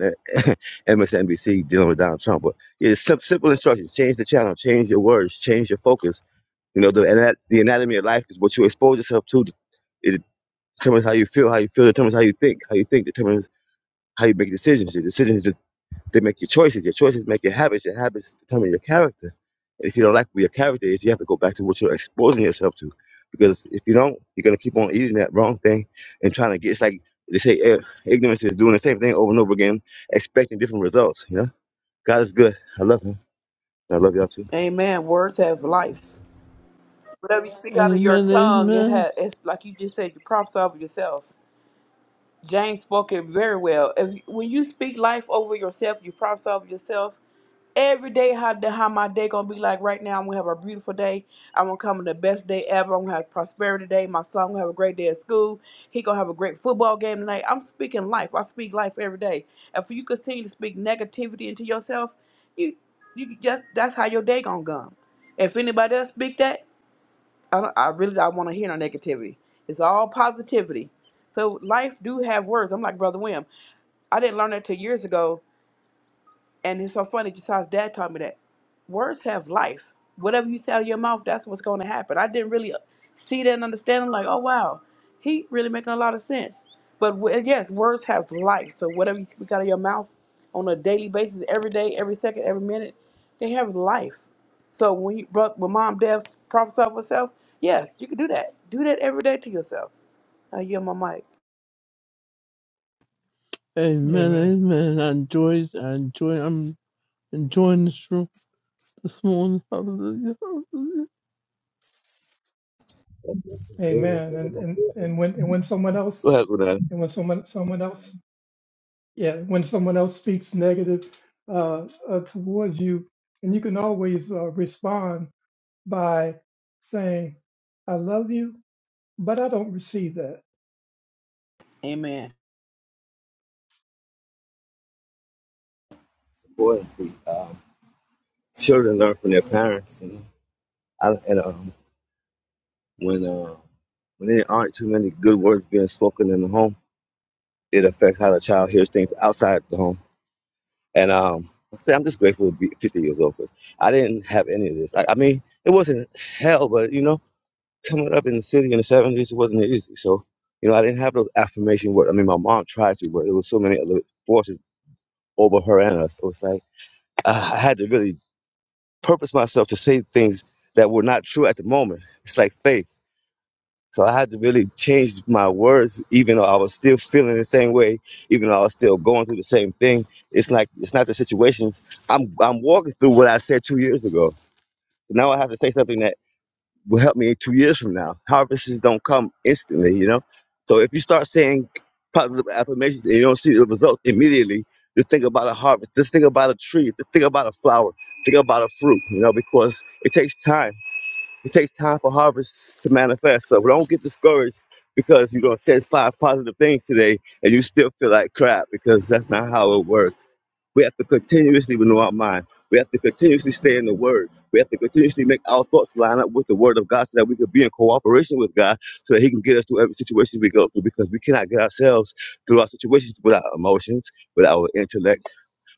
[SPEAKER 5] MSNBC dealing with Donald Trump. Yeah, It's sim- simple instructions. Change the channel. Change your words. Change your focus. You know, the ana- the anatomy of life is what you expose yourself to. It determines how you feel. How you feel determines how you think. How you think determines how you make decisions. Your decisions just, they make your choices. Your choices make your habits. Your habits determine your character. And if you don't like what your character is, you have to go back to what you're exposing yourself to. Because if you don't, you're gonna keep on eating that wrong thing and trying to get. It's like they say, eh, ignorance is doing the same thing over and over again, expecting different results. You know, God is good. I love Him. I love y'all too.
[SPEAKER 8] Amen. Words have life. Whatever you speak out of your
[SPEAKER 6] Amen.
[SPEAKER 8] tongue, it
[SPEAKER 6] Amen.
[SPEAKER 8] has it's like you just said, you prophesy over yourself. James spoke it very well. If when you speak life over yourself, you prophesy over yourself, every day how the, how my day gonna be like right now i'm gonna have a beautiful day i'm gonna come in the best day ever i'm gonna have prosperity day my son gonna have a great day at school he gonna have a great football game tonight i'm speaking life i speak life every day if you continue to speak negativity into yourself you you just that's how your day gonna come if anybody else speak that i, don't, I really don't want to hear no negativity it's all positivity so life do have words i'm like brother wim i didn't learn that till years ago and it's so funny, Just how his dad taught me that words have life. Whatever you say out of your mouth, that's what's going to happen. I didn't really see that and understand. I'm like, oh, wow, he really making a lot of sense. But w- yes, words have life. So whatever you speak out of your mouth on a daily basis, every day, every second, every minute, they have life. So when you brought when mom, dad prophesy over herself, yes, you can do that. Do that every day to yourself. I yield my mic.
[SPEAKER 6] Amen.
[SPEAKER 3] Amen.
[SPEAKER 6] Amen. I enjoy I enjoy I'm enjoying this room this morning. Hallelujah. Hallelujah.
[SPEAKER 5] Go
[SPEAKER 3] Amen. And and and when and when someone else
[SPEAKER 5] ahead with that.
[SPEAKER 3] and when someone someone else yeah when someone else speaks negative uh, uh, towards you, and you can always uh, respond by saying, "I love you, but I don't receive that."
[SPEAKER 8] Amen.
[SPEAKER 5] It's um, children learn from their parents. You know, I, and um, when uh, when there aren't too many good words being spoken in the home, it affects how the child hears things outside the home. And um, like I say I'm just grateful to be 50 years old. 'cause I didn't have any of this. I, I mean, it wasn't hell, but you know, coming up in the city in the 70s, it wasn't easy. So, you know, I didn't have those affirmation words. I mean, my mom tried to, but there was so many other forces over her and us. So it's like uh, I had to really purpose myself to say things that were not true at the moment. It's like faith. So I had to really change my words, even though I was still feeling the same way, even though I was still going through the same thing. It's like it's not the situation. I'm I'm walking through what I said two years ago. Now I have to say something that will help me two years from now. Harvests don't come instantly, you know. So if you start saying positive affirmations and you don't see the results immediately, just think about a harvest. Just think about a tree. Just think about a flower. Think about a fruit, you know, because it takes time. It takes time for harvests to manifest. So don't get discouraged because you're gonna say five positive things today and you still feel like crap because that's not how it works. We have to continuously renew our mind. We have to continuously stay in the Word. We have to continuously make our thoughts line up with the Word of God so that we can be in cooperation with God so that He can get us through every situation we go through because we cannot get ourselves through our situations without emotions, without our intellect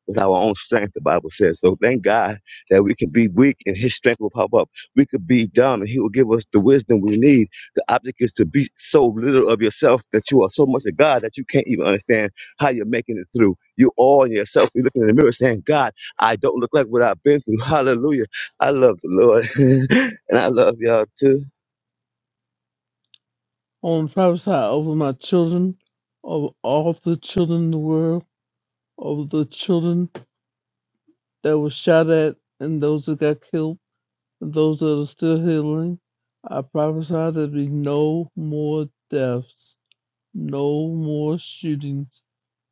[SPEAKER 5] with our own strength, the Bible says. So thank God that we can be weak and his strength will pop up. We could be dumb and he will give us the wisdom we need. The object is to be so little of yourself that you are so much of God that you can't even understand how you're making it through. You all in yourself, you're looking in the mirror saying, God, I don't look like what I've been through. Hallelujah. I love the Lord. and I love y'all too.
[SPEAKER 6] I want to prophesy over my children, over all of the children in the world, over the children that were shot at and those that got killed, and those that are still healing. I prophesy there be no more deaths No more shootings.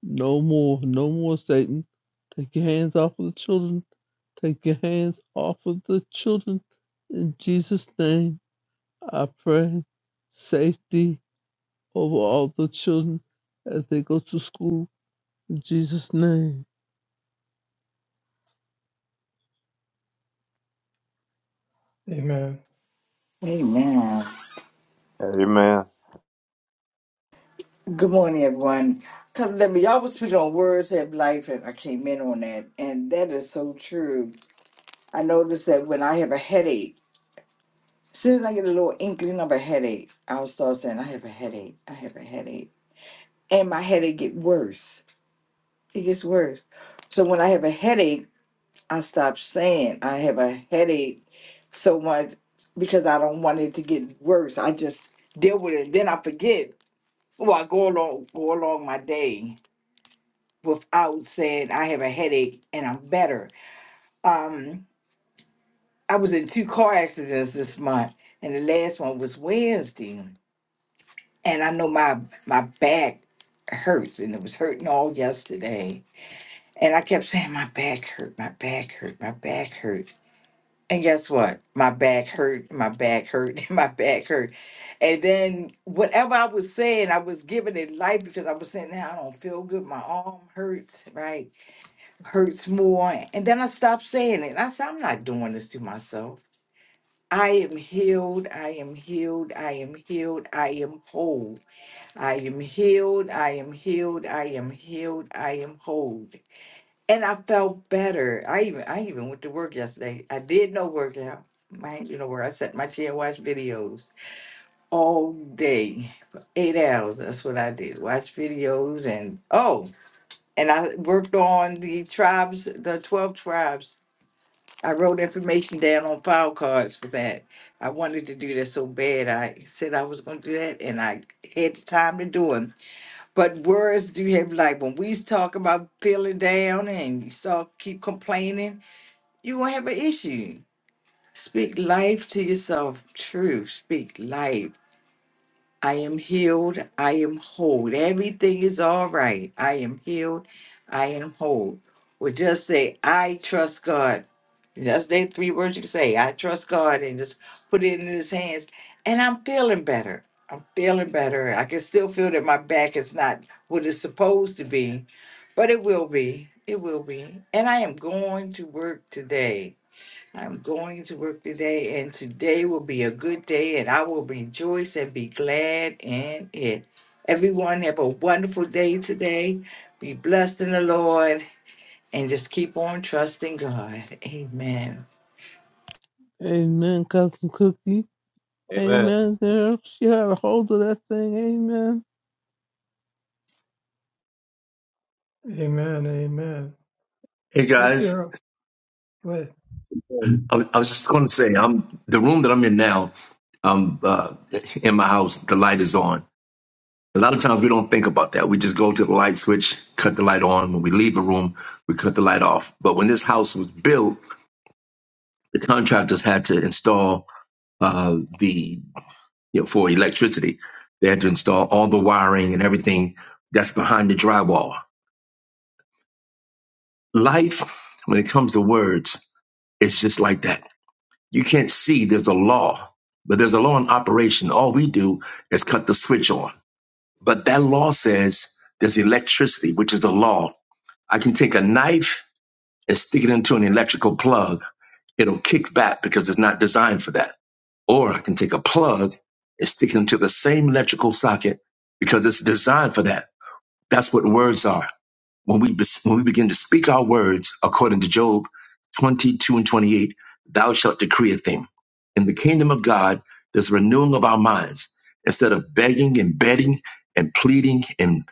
[SPEAKER 6] No more. No more, Satan. Take your hands off of the children. Take your hands off of the children. In Jesus' name, I pray safety over all the children as they go to school. In Jesus' name.
[SPEAKER 3] Amen.
[SPEAKER 9] Amen.
[SPEAKER 2] Amen.
[SPEAKER 9] Good morning, everyone. Cousin Debbie, y'all was speaking on words have life, and I came in on that, and that is so true. I noticed that when I have a headache, as soon as I get a little inkling of a headache, I'll start saying, "I have a headache. I have a headache," and my headache get worse. It gets worse. So when I have a headache, I stop saying I have a headache so much because I don't want it to get worse. I just deal with it. Then I forget. Well, I go along go along my day without saying I have a headache and I'm better. Um, I was in two car accidents this month, and the last one was Wednesday. And I know my my back hurts, and it was hurting all yesterday. And I kept saying my back hurt, my back hurt, my back hurt. And guess what? My back hurt, my back hurt, and my back hurt. And then whatever I was saying, I was giving it life because I was saying, now I don't feel good. My arm hurts, right? hurts more. And then I stopped saying it. I said, I'm not doing this to myself. I am healed. I am healed. I am healed. I am whole. I am healed. I am healed. I am healed. I am whole. And I felt better. I even I even went to work yesterday. I did no workout. I ain't do no work. I sat in my chair and watched videos all day for eight hours. That's what I did. Watch videos and oh, and I worked on the tribes, the twelve tribes I wrote information down on file cards for that. I wanted to do that so bad. I said I was going to do that, and I had the time to do it. But words do have like when we talk about feeling down and you start keep complaining, you gonna have an issue. Speak life to yourself. True. Speak life. I am healed. I am whole. Everything is all right. I am healed. I am whole. Or just say, I trust God. That's the three words you can say. I trust God and just put it in his hands. And I'm feeling better. I'm feeling better. I can still feel that my back is not what it's supposed to be, but it will be. It will be. And I am going to work today. I'm going to work today, and today will be a good day, and I will rejoice and be glad in it. Everyone, have a wonderful day today. Be blessed in the Lord, and just keep on trusting God. Amen.
[SPEAKER 6] Amen, Cousin Cookie.
[SPEAKER 5] Amen.
[SPEAKER 6] Amen, girl. She had a hold of that thing. Amen.
[SPEAKER 3] Amen. Amen.
[SPEAKER 7] Hey
[SPEAKER 3] If
[SPEAKER 7] guys,
[SPEAKER 3] there are but
[SPEAKER 7] I, I was just going to say, I'm the room that I'm in now. Um, uh, in my house, the light is on. A lot of times we don't think about that. We just go to the light switch, cut the light on. When we leave a room, we cut the light off. But when this house was built, the contractors had to install uh, the you know, for electricity. They had to install all the wiring and everything that's behind the drywall. Life, when it comes to words, it's just like that. You can't see there's a law, but there's a law in operation. All we do is cut the switch on. But that law says there's electricity, which is the law. I can take a knife and stick it into an electrical plug. It'll kick back because it's not designed for that. Or I can take a plug and stick it into the same electrical socket because it's designed for that That's what words are. When we, when we begin to speak our words, according to Job 22 and 28, thou shalt decree a thing. In the kingdom of God, there's renewing of our minds. Instead of begging and betting and pleading, and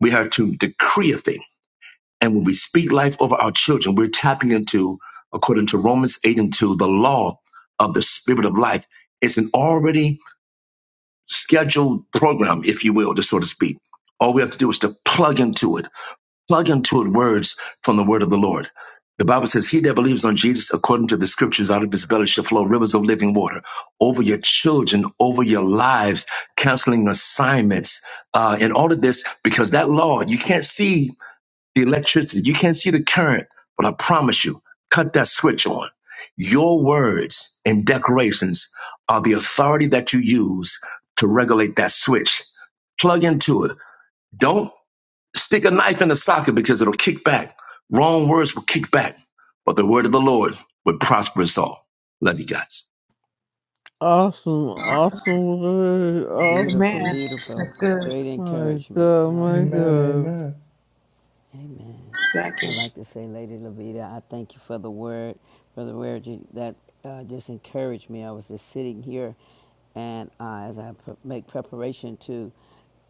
[SPEAKER 7] we have to decree a thing. And when we speak life over our children, we're tapping into, according to Romans 8 and 2, the law of the spirit of life. It's an already scheduled program, if you will, just so to speak. All we have to do is to plug into it plug into it words from the word of the Lord. The Bible says, He that believes on Jesus according to the scriptures, out of his belly shall flow rivers of living water over your children, over your lives, counseling assignments, uh, and all of this, because that law, you can't see the electricity, you can't see the current, but I promise you, cut that switch on. Your words and declarations are the authority that you use to regulate that switch. Plug into it. Don't Stick a knife in the socket because it'll kick back. Wrong words will kick back, but the word of the Lord will prosper us all. Love you guys.
[SPEAKER 6] Awesome. Awesome word.
[SPEAKER 10] Beautiful,
[SPEAKER 8] Amen.
[SPEAKER 6] Awesome.
[SPEAKER 10] beautiful.
[SPEAKER 8] That's good.
[SPEAKER 10] Great
[SPEAKER 6] My
[SPEAKER 10] encouragement.
[SPEAKER 6] God, my
[SPEAKER 3] Amen.
[SPEAKER 10] Hallelujah.
[SPEAKER 6] God.
[SPEAKER 3] Amen.
[SPEAKER 10] Amen.
[SPEAKER 8] Thank
[SPEAKER 10] I'd
[SPEAKER 8] you.
[SPEAKER 10] like to say, Lady Levita, I thank you for the word. Brother Word, that uh, just encouraged me. I was just sitting here, and uh, as I pre- make preparation to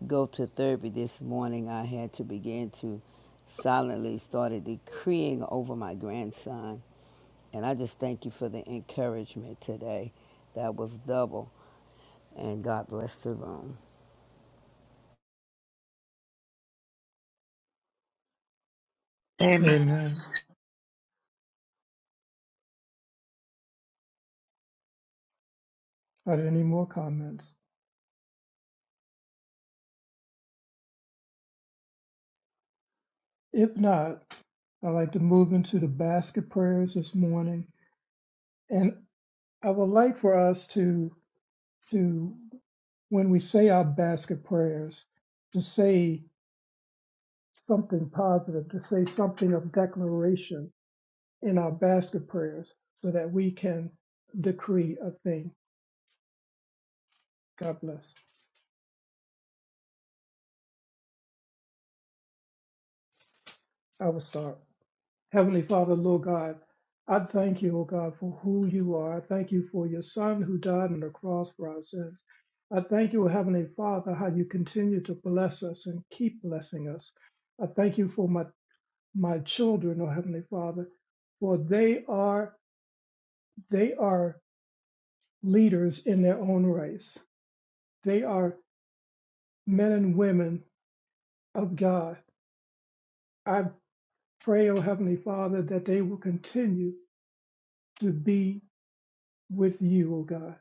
[SPEAKER 10] go to therapy this morning, I had to begin to silently started decreeing over my grandson. And I just thank you for the encouragement today. That was double. And God bless the room.
[SPEAKER 3] Amen. are there any more comments? If not, I'd like to move into the basket prayers this morning. And I would like for us to to when we say our basket prayers, to say something positive, to say something of declaration in our basket prayers so that we can decree a thing. God bless. I will start. Heavenly Father, Lord God, I thank you, O God, for who you are. I thank you for your Son who died on the cross for our sins. I thank you, O Heavenly Father, how you continue to bless us and keep blessing us. I thank you for my my children, O Heavenly Father, for they are they are leaders in their own race. They are men and women of God. I pray, O Heavenly Father, that they will continue to be with you, O God,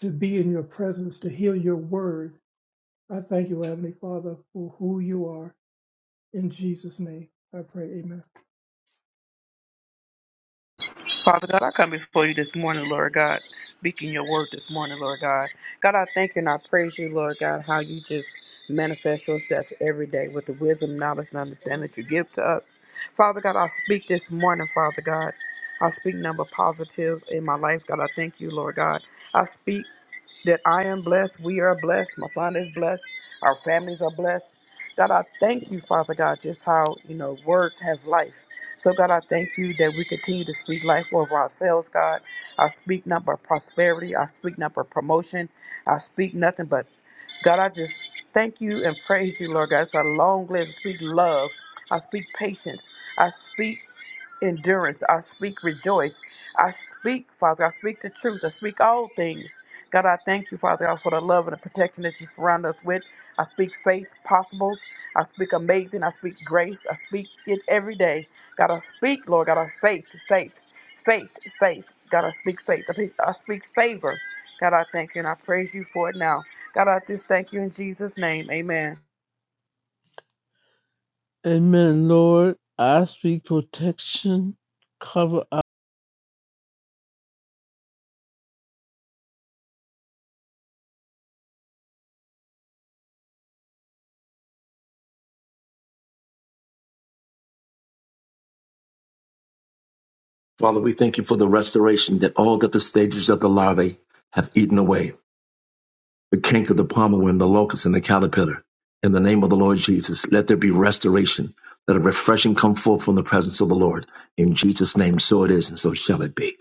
[SPEAKER 3] to be in your presence, to hear your word. I thank you, O Heavenly Father, for who you are. In Jesus' name, I pray, amen.
[SPEAKER 8] Father God, I come before you this morning, Lord God, speaking your word this morning, Lord God. God, I thank you and I praise you, Lord God, how you just manifest yourself every day with the wisdom, knowledge, and understanding that you give to us. Father God, I speak this morning, Father God. I speak number positive in my life, God. I thank you, Lord God. I speak that I am blessed. We are blessed. My son is blessed. Our families are blessed. God, I thank you, Father God, just how, you know, words have life. So, God, I thank you that we continue to speak life over ourselves, God. I speak not but prosperity. I speak not but promotion. I speak nothing but God, I just thank you and praise you, Lord God. It's a long list. I speak love. I speak patience. I speak endurance. I speak rejoice. I speak, Father. I speak the truth. I speak all things. God, I thank you, Father God, for the love and the protection that you surround us with. I speak faith possibles. I speak amazing. I speak grace. I speak it every day. God, I speak, Lord God, of faith, faith. Faith, faith. God, I speak faith. I speak I speak favor. God, I thank you and I praise you for it now. God, I just thank you in Jesus' name. Amen.
[SPEAKER 6] Amen, Lord. I speak protection. Cover up.
[SPEAKER 7] Father, we thank you for the restoration that all that the stages of the larvae have eaten away. the canker, the palmer worm, the locust, and the caterpillar. In the name of the Lord Jesus, let there be restoration. Let a refreshing come forth from the presence of the Lord. In Jesus' name, so it is, and so shall it be.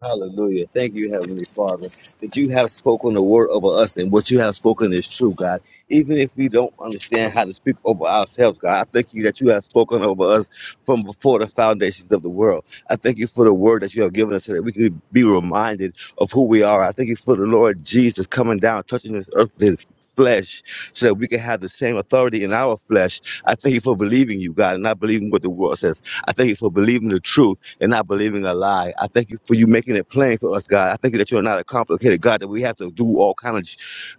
[SPEAKER 5] Hallelujah. Thank you, Heavenly Father, that you have spoken the word over us, and what you have spoken is true, God. Even if we don't understand how to speak over ourselves, God, I thank you that you have spoken over us from before the foundations of the world. I thank you for the word that you have given us so that we can be reminded of who we are. I thank you for the Lord Jesus coming down, touching this earth with his flesh so that we can have the same authority in our flesh. I thank you for believing you, God, and not believing what the world says. I thank you for believing the truth and not believing a lie. I thank you for you making it plain for us, God. I thank you that you're not a complicated God, that we have to do all kind of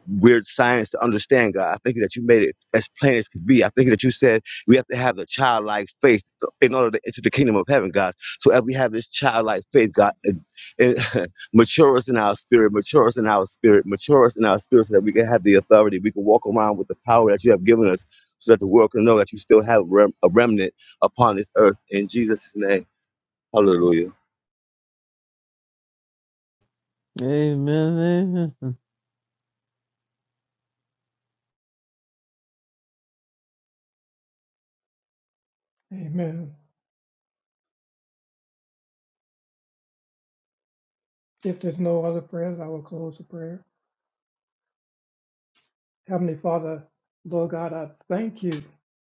[SPEAKER 5] weird science to understand, God. I thank you that you made it as plain as could be. I thank you that you said we have to have the childlike faith in order to enter the kingdom of heaven, God. So as we have this childlike faith, God, it, it mature us in our spirit, mature us in our spirit, mature us in our spirit so that we can have the authority. We can walk around with the power that you have given us so that the world can know that you still have rem- a remnant upon this earth. In Jesus' name. Hallelujah.
[SPEAKER 6] Amen, amen.
[SPEAKER 3] Amen. If there's no other prayers, I will close the prayer. Heavenly Father, Lord God, I thank you.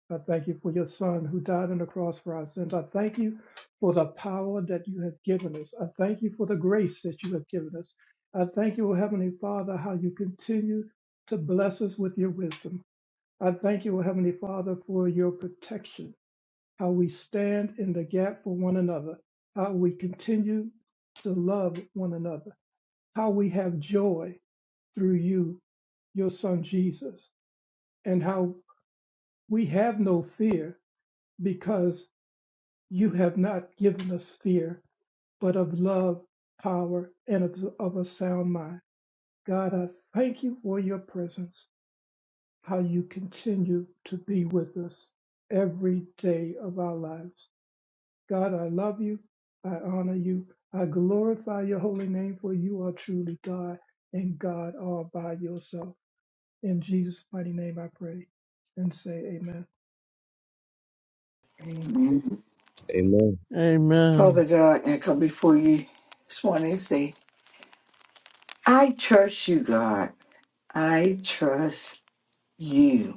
[SPEAKER 3] I thank you for your Son who died on the cross for our sins. I thank you for the power that you have given us. I thank you for the grace that you have given us. I thank you, O Heavenly Father, how you continue to bless us with your wisdom. I thank you, O Heavenly Father, for your protection, how we stand in the gap for one another, how we continue to love one another, how we have joy through you, your Son Jesus and how we have no fear because you have not given us fear, but of love, power, and of, of a sound mind. God, I thank you for your presence, how you continue to be with us every day of our lives. God, I love you. I honor you. I glorify your holy name, for you are truly God and God all by yourself. In Jesus' mighty name I pray and say amen.
[SPEAKER 9] Amen.
[SPEAKER 5] Amen.
[SPEAKER 9] Father
[SPEAKER 6] Amen.
[SPEAKER 9] God, I come before you this morning and say, I trust you, God. I trust you.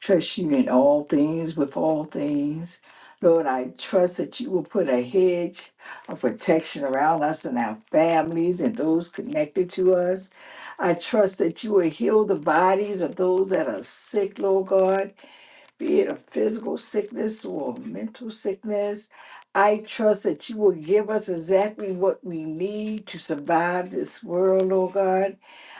[SPEAKER 9] Trust you in all things with all things. Lord, I trust that you will put a hedge of protection around us and our families and those connected to us. I trust that you will heal the bodies of those that are sick, Lord God be it a physical sickness or a mental sickness. I trust that you will give us exactly what we need to survive this world, Lord God.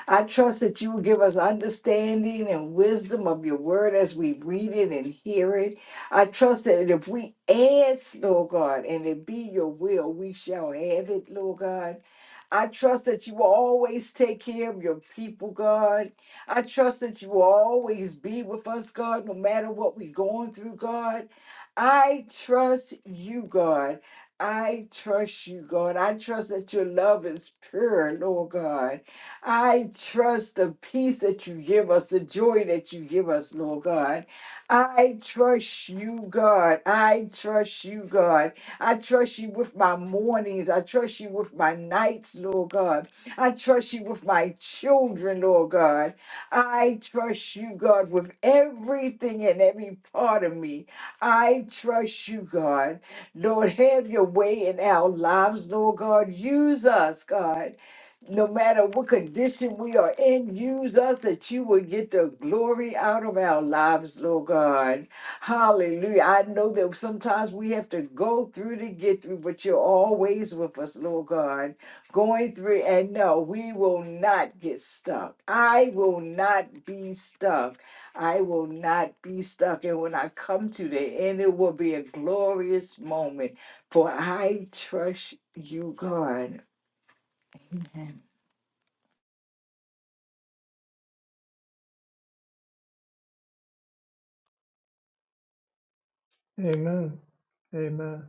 [SPEAKER 9] I trust that you will give us understanding and wisdom of your word as we read it and hear it. I trust that if we ask, Lord God, and it be your will, we shall have it, Lord God. I trust that you will always take care of your people, God. I trust that you will always be with us, God, no matter what we're going through, God. I trust you, God. I trust you, God. I trust that your love is pure, Lord God. I trust the peace that you give us, the joy that you give us, Lord God. I trust you, God. I trust you, God. I trust you with my mornings. I trust you with my nights, Lord God. I trust you with my children, Lord God. I trust you, God, with everything and every part of me. I trust you, God. Lord, have your way in our lives, Lord God. Use us, God. No matter what condition we are in, use us that you will get the glory out of our lives, Lord God. Hallelujah. I know that sometimes we have to go through to get through, but you're always with us, Lord God going through and no we will not get stuck i will not be stuck i will not be stuck and when i come to the end it will be a glorious moment for i trust you god
[SPEAKER 3] Amen. Amen.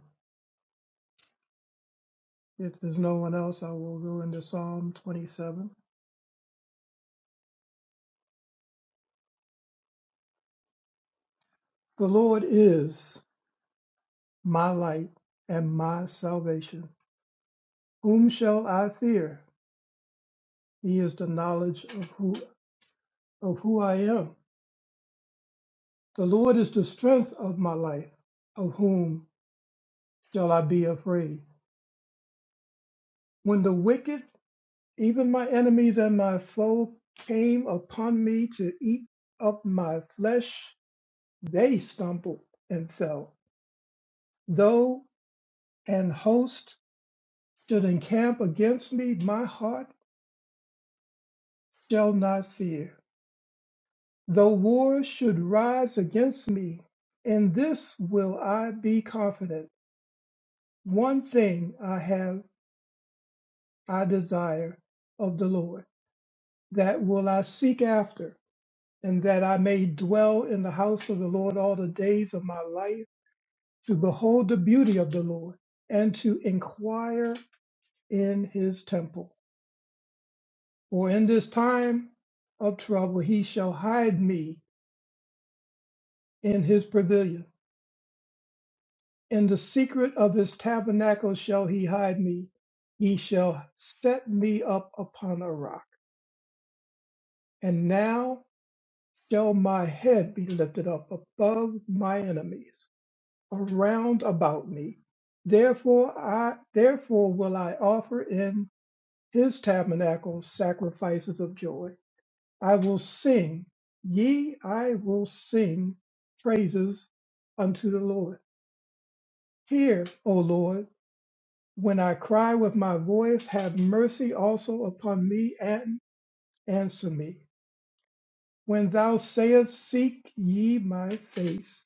[SPEAKER 3] If there's no one else, I will go into Psalm 27. The Lord is my light and my salvation. Whom shall I fear? He is the knowledge of who of who I am. The Lord is the strength of my life. Of whom shall I be afraid? When the wicked, even my enemies and my foe, came upon me to eat up my flesh, they stumbled and fell. Though And host should encamp against me, my heart shall not fear. Though war should rise against me, in this will I be confident. One thing I have, I desire of the Lord, that will I seek after, and that I may dwell in the house of the Lord all the days of my life, to behold the beauty of the Lord, and to inquire in his temple. For in this time of trouble he shall hide me in his pavilion. In the secret of his tabernacle shall he hide me. He shall set me up upon a rock. And now shall my head be lifted up above my enemies around about me. Therefore I therefore will I offer in his tabernacle sacrifices of joy. I will sing, yea, I will sing praises unto the Lord. Hear, O Lord, when I cry with my voice, have mercy also upon me and answer me. When thou sayest, Seek ye my face,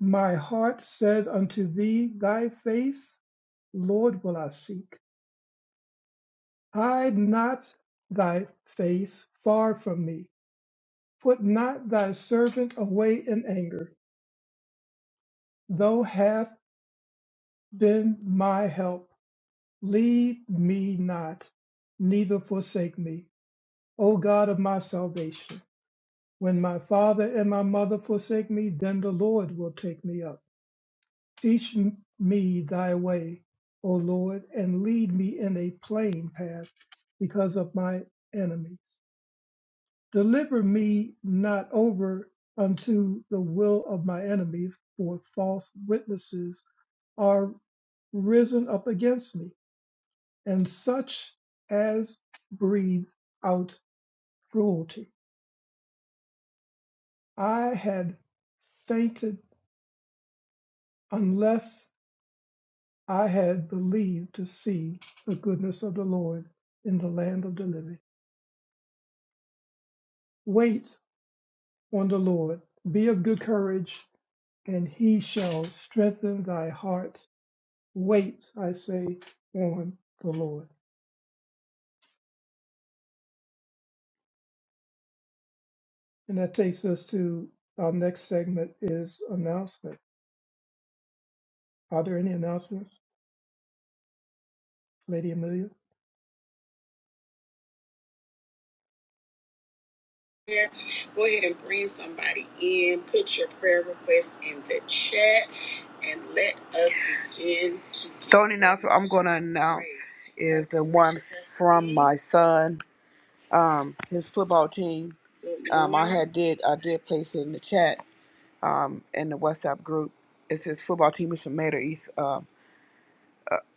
[SPEAKER 3] my heart said unto thee, Thy face, Lord, will I seek. Hide not thy face far from me. Put not thy servant away in anger. Thou hast. then my help. Leave me not, neither forsake me, O God of my salvation. When my father and my mother forsake me, then the Lord will take me up. Teach m- me thy way, O Lord, and lead me in a plain path because of my enemies. Deliver me not over unto the will of my enemies, for false witnesses are risen up against me and such as breathe out cruelty. I had fainted unless I had believed to see the goodness of the Lord in the land of the living. Wait on the Lord, be of good courage, and he shall strengthen thy heart. Wait, I say, on the Lord. And that takes us to our next segment is announcement. Are there any announcements, Lady Amelia?
[SPEAKER 8] Here, Go ahead and bring somebody in. Put your prayer request in the chat and let us begin to The only announcement I'm going to announce is the one from my son, um, his football team. Um, I had did I did place it in the chat um, in the WhatsApp group. It's his football team is from Mater East. uh,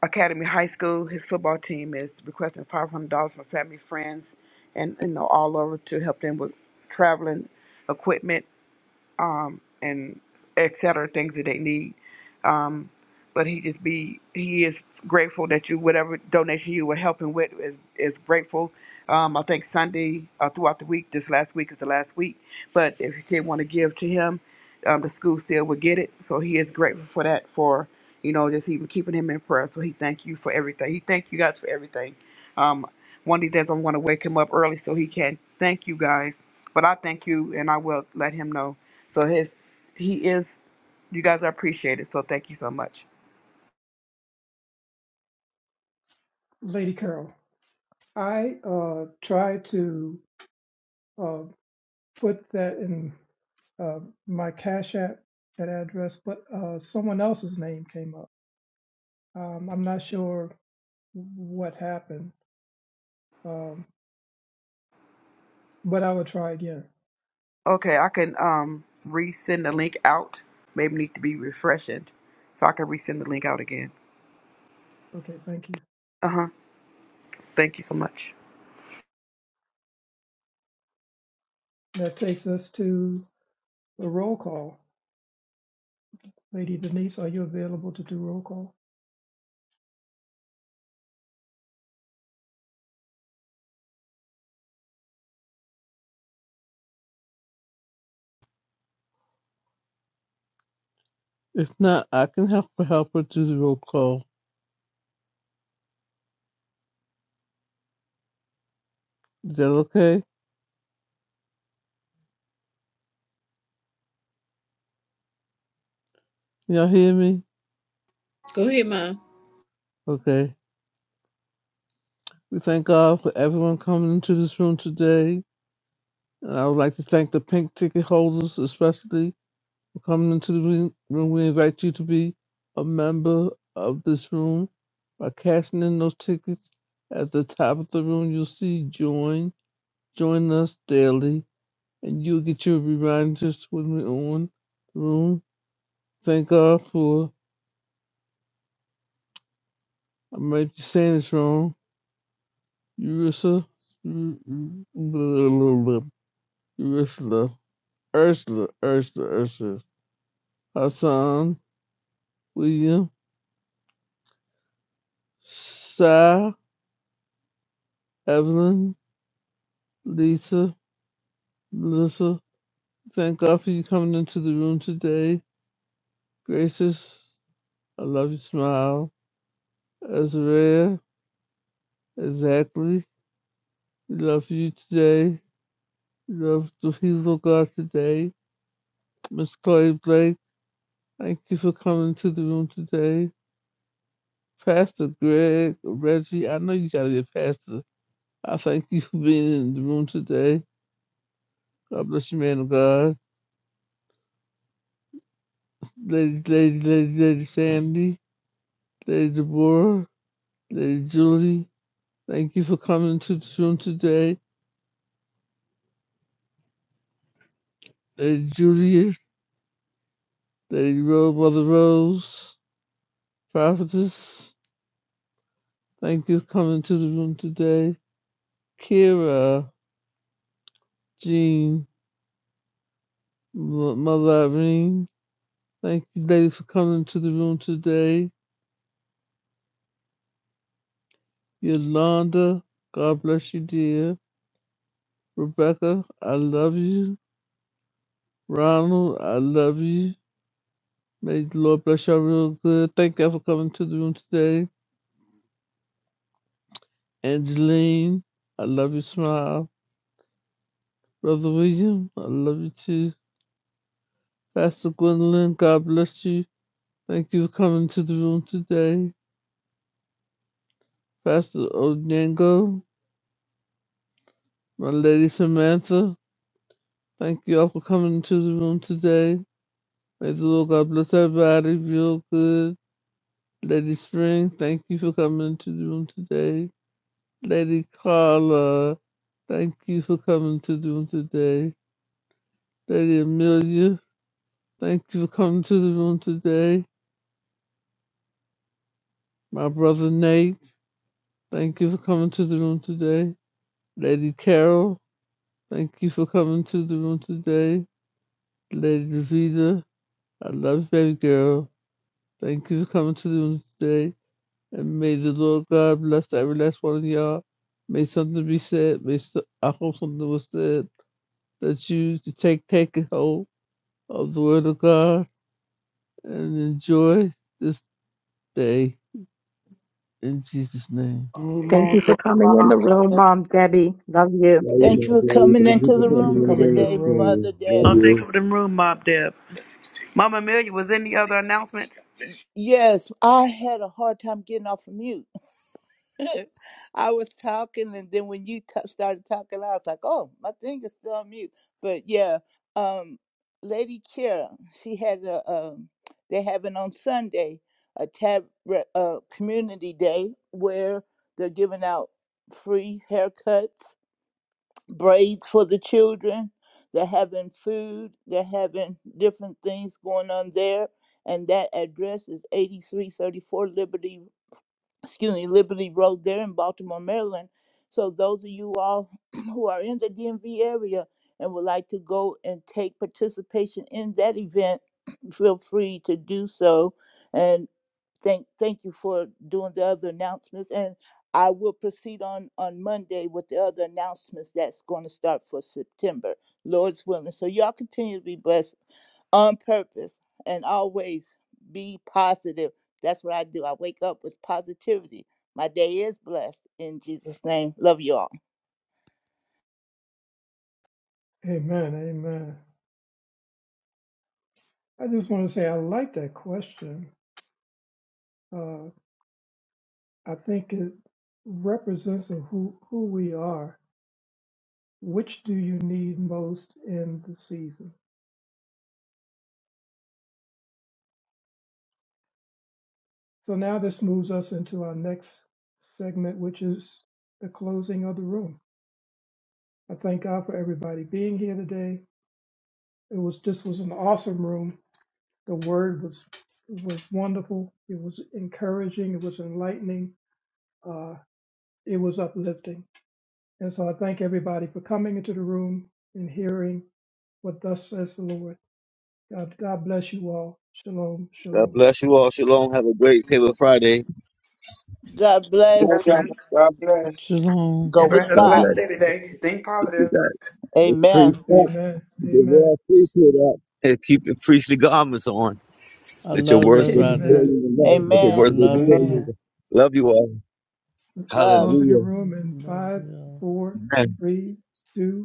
[SPEAKER 8] Academy High School. His football team is requesting five hundred dollars from family, friends, and you know all over to help them with traveling equipment um, and et cetera, things that they need. Um, but he just be he is grateful that you whatever donation you were helping with is is grateful. Um, I think Sunday uh, throughout the week, this last week is the last week, but if you did want to give to him, um, the school still would get it. So he is grateful for that for you know just even keeping him in prayer. So he thank you for everything. He thank you guys for everything. Um, one of these days I'm going to wake him up early so he can thank you guys. But I thank you and I will let him know. So his he is you guys are appreciated. So thank you so much.
[SPEAKER 3] Lady Carol. I uh, try to uh, put that in uh, my Cash App, that address, but uh, someone else's name came up. Um, I'm not sure what happened, um, but I will try again.
[SPEAKER 8] Okay, I can um resend the link out. Maybe need to be refreshed, so I can resend the link out again.
[SPEAKER 3] Okay, thank you.
[SPEAKER 8] Uh huh. Thank you so much.
[SPEAKER 3] That takes us to the roll call. Lady Denise, are you available to do roll call?
[SPEAKER 6] If not, I can help her help her do the roll call. Is that okay? Y'all hear me?
[SPEAKER 1] Go ahead, Mom.
[SPEAKER 6] Okay. We thank God for everyone coming into this room today. And I would like to thank the pink ticket holders especially for coming into the room. room. We invite you to be a member of this room by cashing in those tickets at the top of the room. You'll see join Join us daily and you'll get your reminders when we're on the room. Thank God for, I might be saying this wrong, Ursa, Ursula, Ursula, Ursula, Ursula, Hassan, William, Sai, Evelyn, Lisa, Melissa. Thank God for you coming into the room today. Gracious, I love your smile. Azariah, exactly. Love you today. Love the people of God today. Miss Chloe Blake, thank you for coming to the room today. Pastor Greg, Reggie, I know you gotta be a pastor. I thank you for being in the room today. God bless you, man of God. Lady, lady, lady, lady Sandy, Lady Deborah, Lady Julie, thank you for coming to the room today. Lady Juliet, Lady Rose, Mother Rose, Prophetess, thank you for coming to the room today. Kira, Jean, Mother Irene. Thank you, ladies, for coming to the room today. Yolanda, God bless you, dear. Rebecca, I love you. Ronald, I love you. May the Lord bless y'all real good. Thank y'all for coming to the room today. Angeline, I love you, smile. Brother William, I love you too. Pastor Gwendolyn, God bless you. Thank you for coming to the room today. Pastor Onyango, My Lady Samantha, thank you all for coming to the room today. May the Lord God bless everybody, real good. Lady Spring, thank you for coming into the room today. Lady Carla, thank you for coming to the room today. Lady Amelia, thank you for coming to the room today. My brother Nate, thank you for coming to the room today. Lady Carol, thank you for coming to the room today. Lady Vita, I love you, baby girl. Thank you for coming to the room today. And may the Lord God bless every last one of y'all. May something be said. May so- I hope something was said that you to take take a hold of the word of God and enjoy this day in Jesus' name.
[SPEAKER 11] Thank
[SPEAKER 8] Amen.
[SPEAKER 11] you for
[SPEAKER 8] Thank you,
[SPEAKER 11] coming in
[SPEAKER 8] Mom.
[SPEAKER 11] the room, Mom Debbie. Love you.
[SPEAKER 5] Love you,
[SPEAKER 12] Thank you
[SPEAKER 5] my
[SPEAKER 12] for
[SPEAKER 5] daddy.
[SPEAKER 12] coming
[SPEAKER 5] Thank you
[SPEAKER 12] into
[SPEAKER 5] for
[SPEAKER 12] the
[SPEAKER 3] Thank you
[SPEAKER 5] coming
[SPEAKER 3] for
[SPEAKER 5] in
[SPEAKER 12] room
[SPEAKER 5] the
[SPEAKER 3] coming to the
[SPEAKER 5] room
[SPEAKER 12] today,
[SPEAKER 5] this
[SPEAKER 3] room.
[SPEAKER 12] Mother
[SPEAKER 5] morning. Love
[SPEAKER 12] Deb.
[SPEAKER 8] Oh, thank
[SPEAKER 5] you.
[SPEAKER 8] you for the room, Mob Deb. Mama Amelia, was there any other announcements?
[SPEAKER 12] Yes, I had a hard time getting off of mute. I was talking, and then when you t- started talking, I was like, "Oh, my thing is still on mute." But yeah, um, Lady Kira, she had a um, they having on Sunday a tab re- uh, community day where they're giving out free haircuts braids for the children. They're having food. They're having different things going on there. And that address is 8334 Liberty, excuse me, Liberty Road there in Baltimore, Maryland. So those of you all who are in the DMV area and would like to go and take participation in that event, feel free to do so. And thank thank you for doing the other announcements and I will proceed on on Monday with the other announcements that's going to start for September, Lord's willing. So y'all continue to be blessed on purpose and always be positive. That's what I do. I wake up with positivity. My day is blessed in Jesus' name. Love you all.
[SPEAKER 3] Amen, amen. I just want to say I like that question Uh, I think it represents of who, who we are. Which do you need most in the season? So now this moves us into our next segment, which is the closing of the room. I thank God for everybody being here today. It was this was an awesome room. The word was was wonderful. It was encouraging. It was enlightening. Uh, it was uplifting. And so I thank everybody for coming into the room and hearing what thus says the Lord. God, God bless you all. Shalom,
[SPEAKER 5] God
[SPEAKER 3] shalom.
[SPEAKER 5] bless you all. Shalom. Have a great favorite Friday.
[SPEAKER 12] God
[SPEAKER 13] Love
[SPEAKER 12] bless.
[SPEAKER 13] y'all. God bless.
[SPEAKER 6] Shalom.
[SPEAKER 12] Go
[SPEAKER 8] Everybody
[SPEAKER 12] with
[SPEAKER 8] had a
[SPEAKER 7] God
[SPEAKER 12] God.
[SPEAKER 8] blessed
[SPEAKER 7] bless
[SPEAKER 8] day today. Think positive.
[SPEAKER 7] you guys.
[SPEAKER 5] The priest
[SPEAKER 12] Amen.
[SPEAKER 5] up.
[SPEAKER 3] Amen,
[SPEAKER 5] The
[SPEAKER 3] amen,
[SPEAKER 5] royal priesthood up. And keep the priestly garments on.
[SPEAKER 6] I
[SPEAKER 5] Let your
[SPEAKER 6] love
[SPEAKER 5] words go before
[SPEAKER 6] everybody.
[SPEAKER 3] amen.
[SPEAKER 5] you in love. Let your
[SPEAKER 6] I
[SPEAKER 3] Yep.
[SPEAKER 12] Amen.
[SPEAKER 5] words go
[SPEAKER 6] love
[SPEAKER 5] before
[SPEAKER 6] you.
[SPEAKER 13] Amen.
[SPEAKER 5] you. Love you all.
[SPEAKER 12] Love.
[SPEAKER 3] Closing the
[SPEAKER 5] Hallelujah.
[SPEAKER 3] room in
[SPEAKER 6] Love
[SPEAKER 3] five,
[SPEAKER 6] y'all.
[SPEAKER 3] four,
[SPEAKER 5] Amen.
[SPEAKER 3] three, two,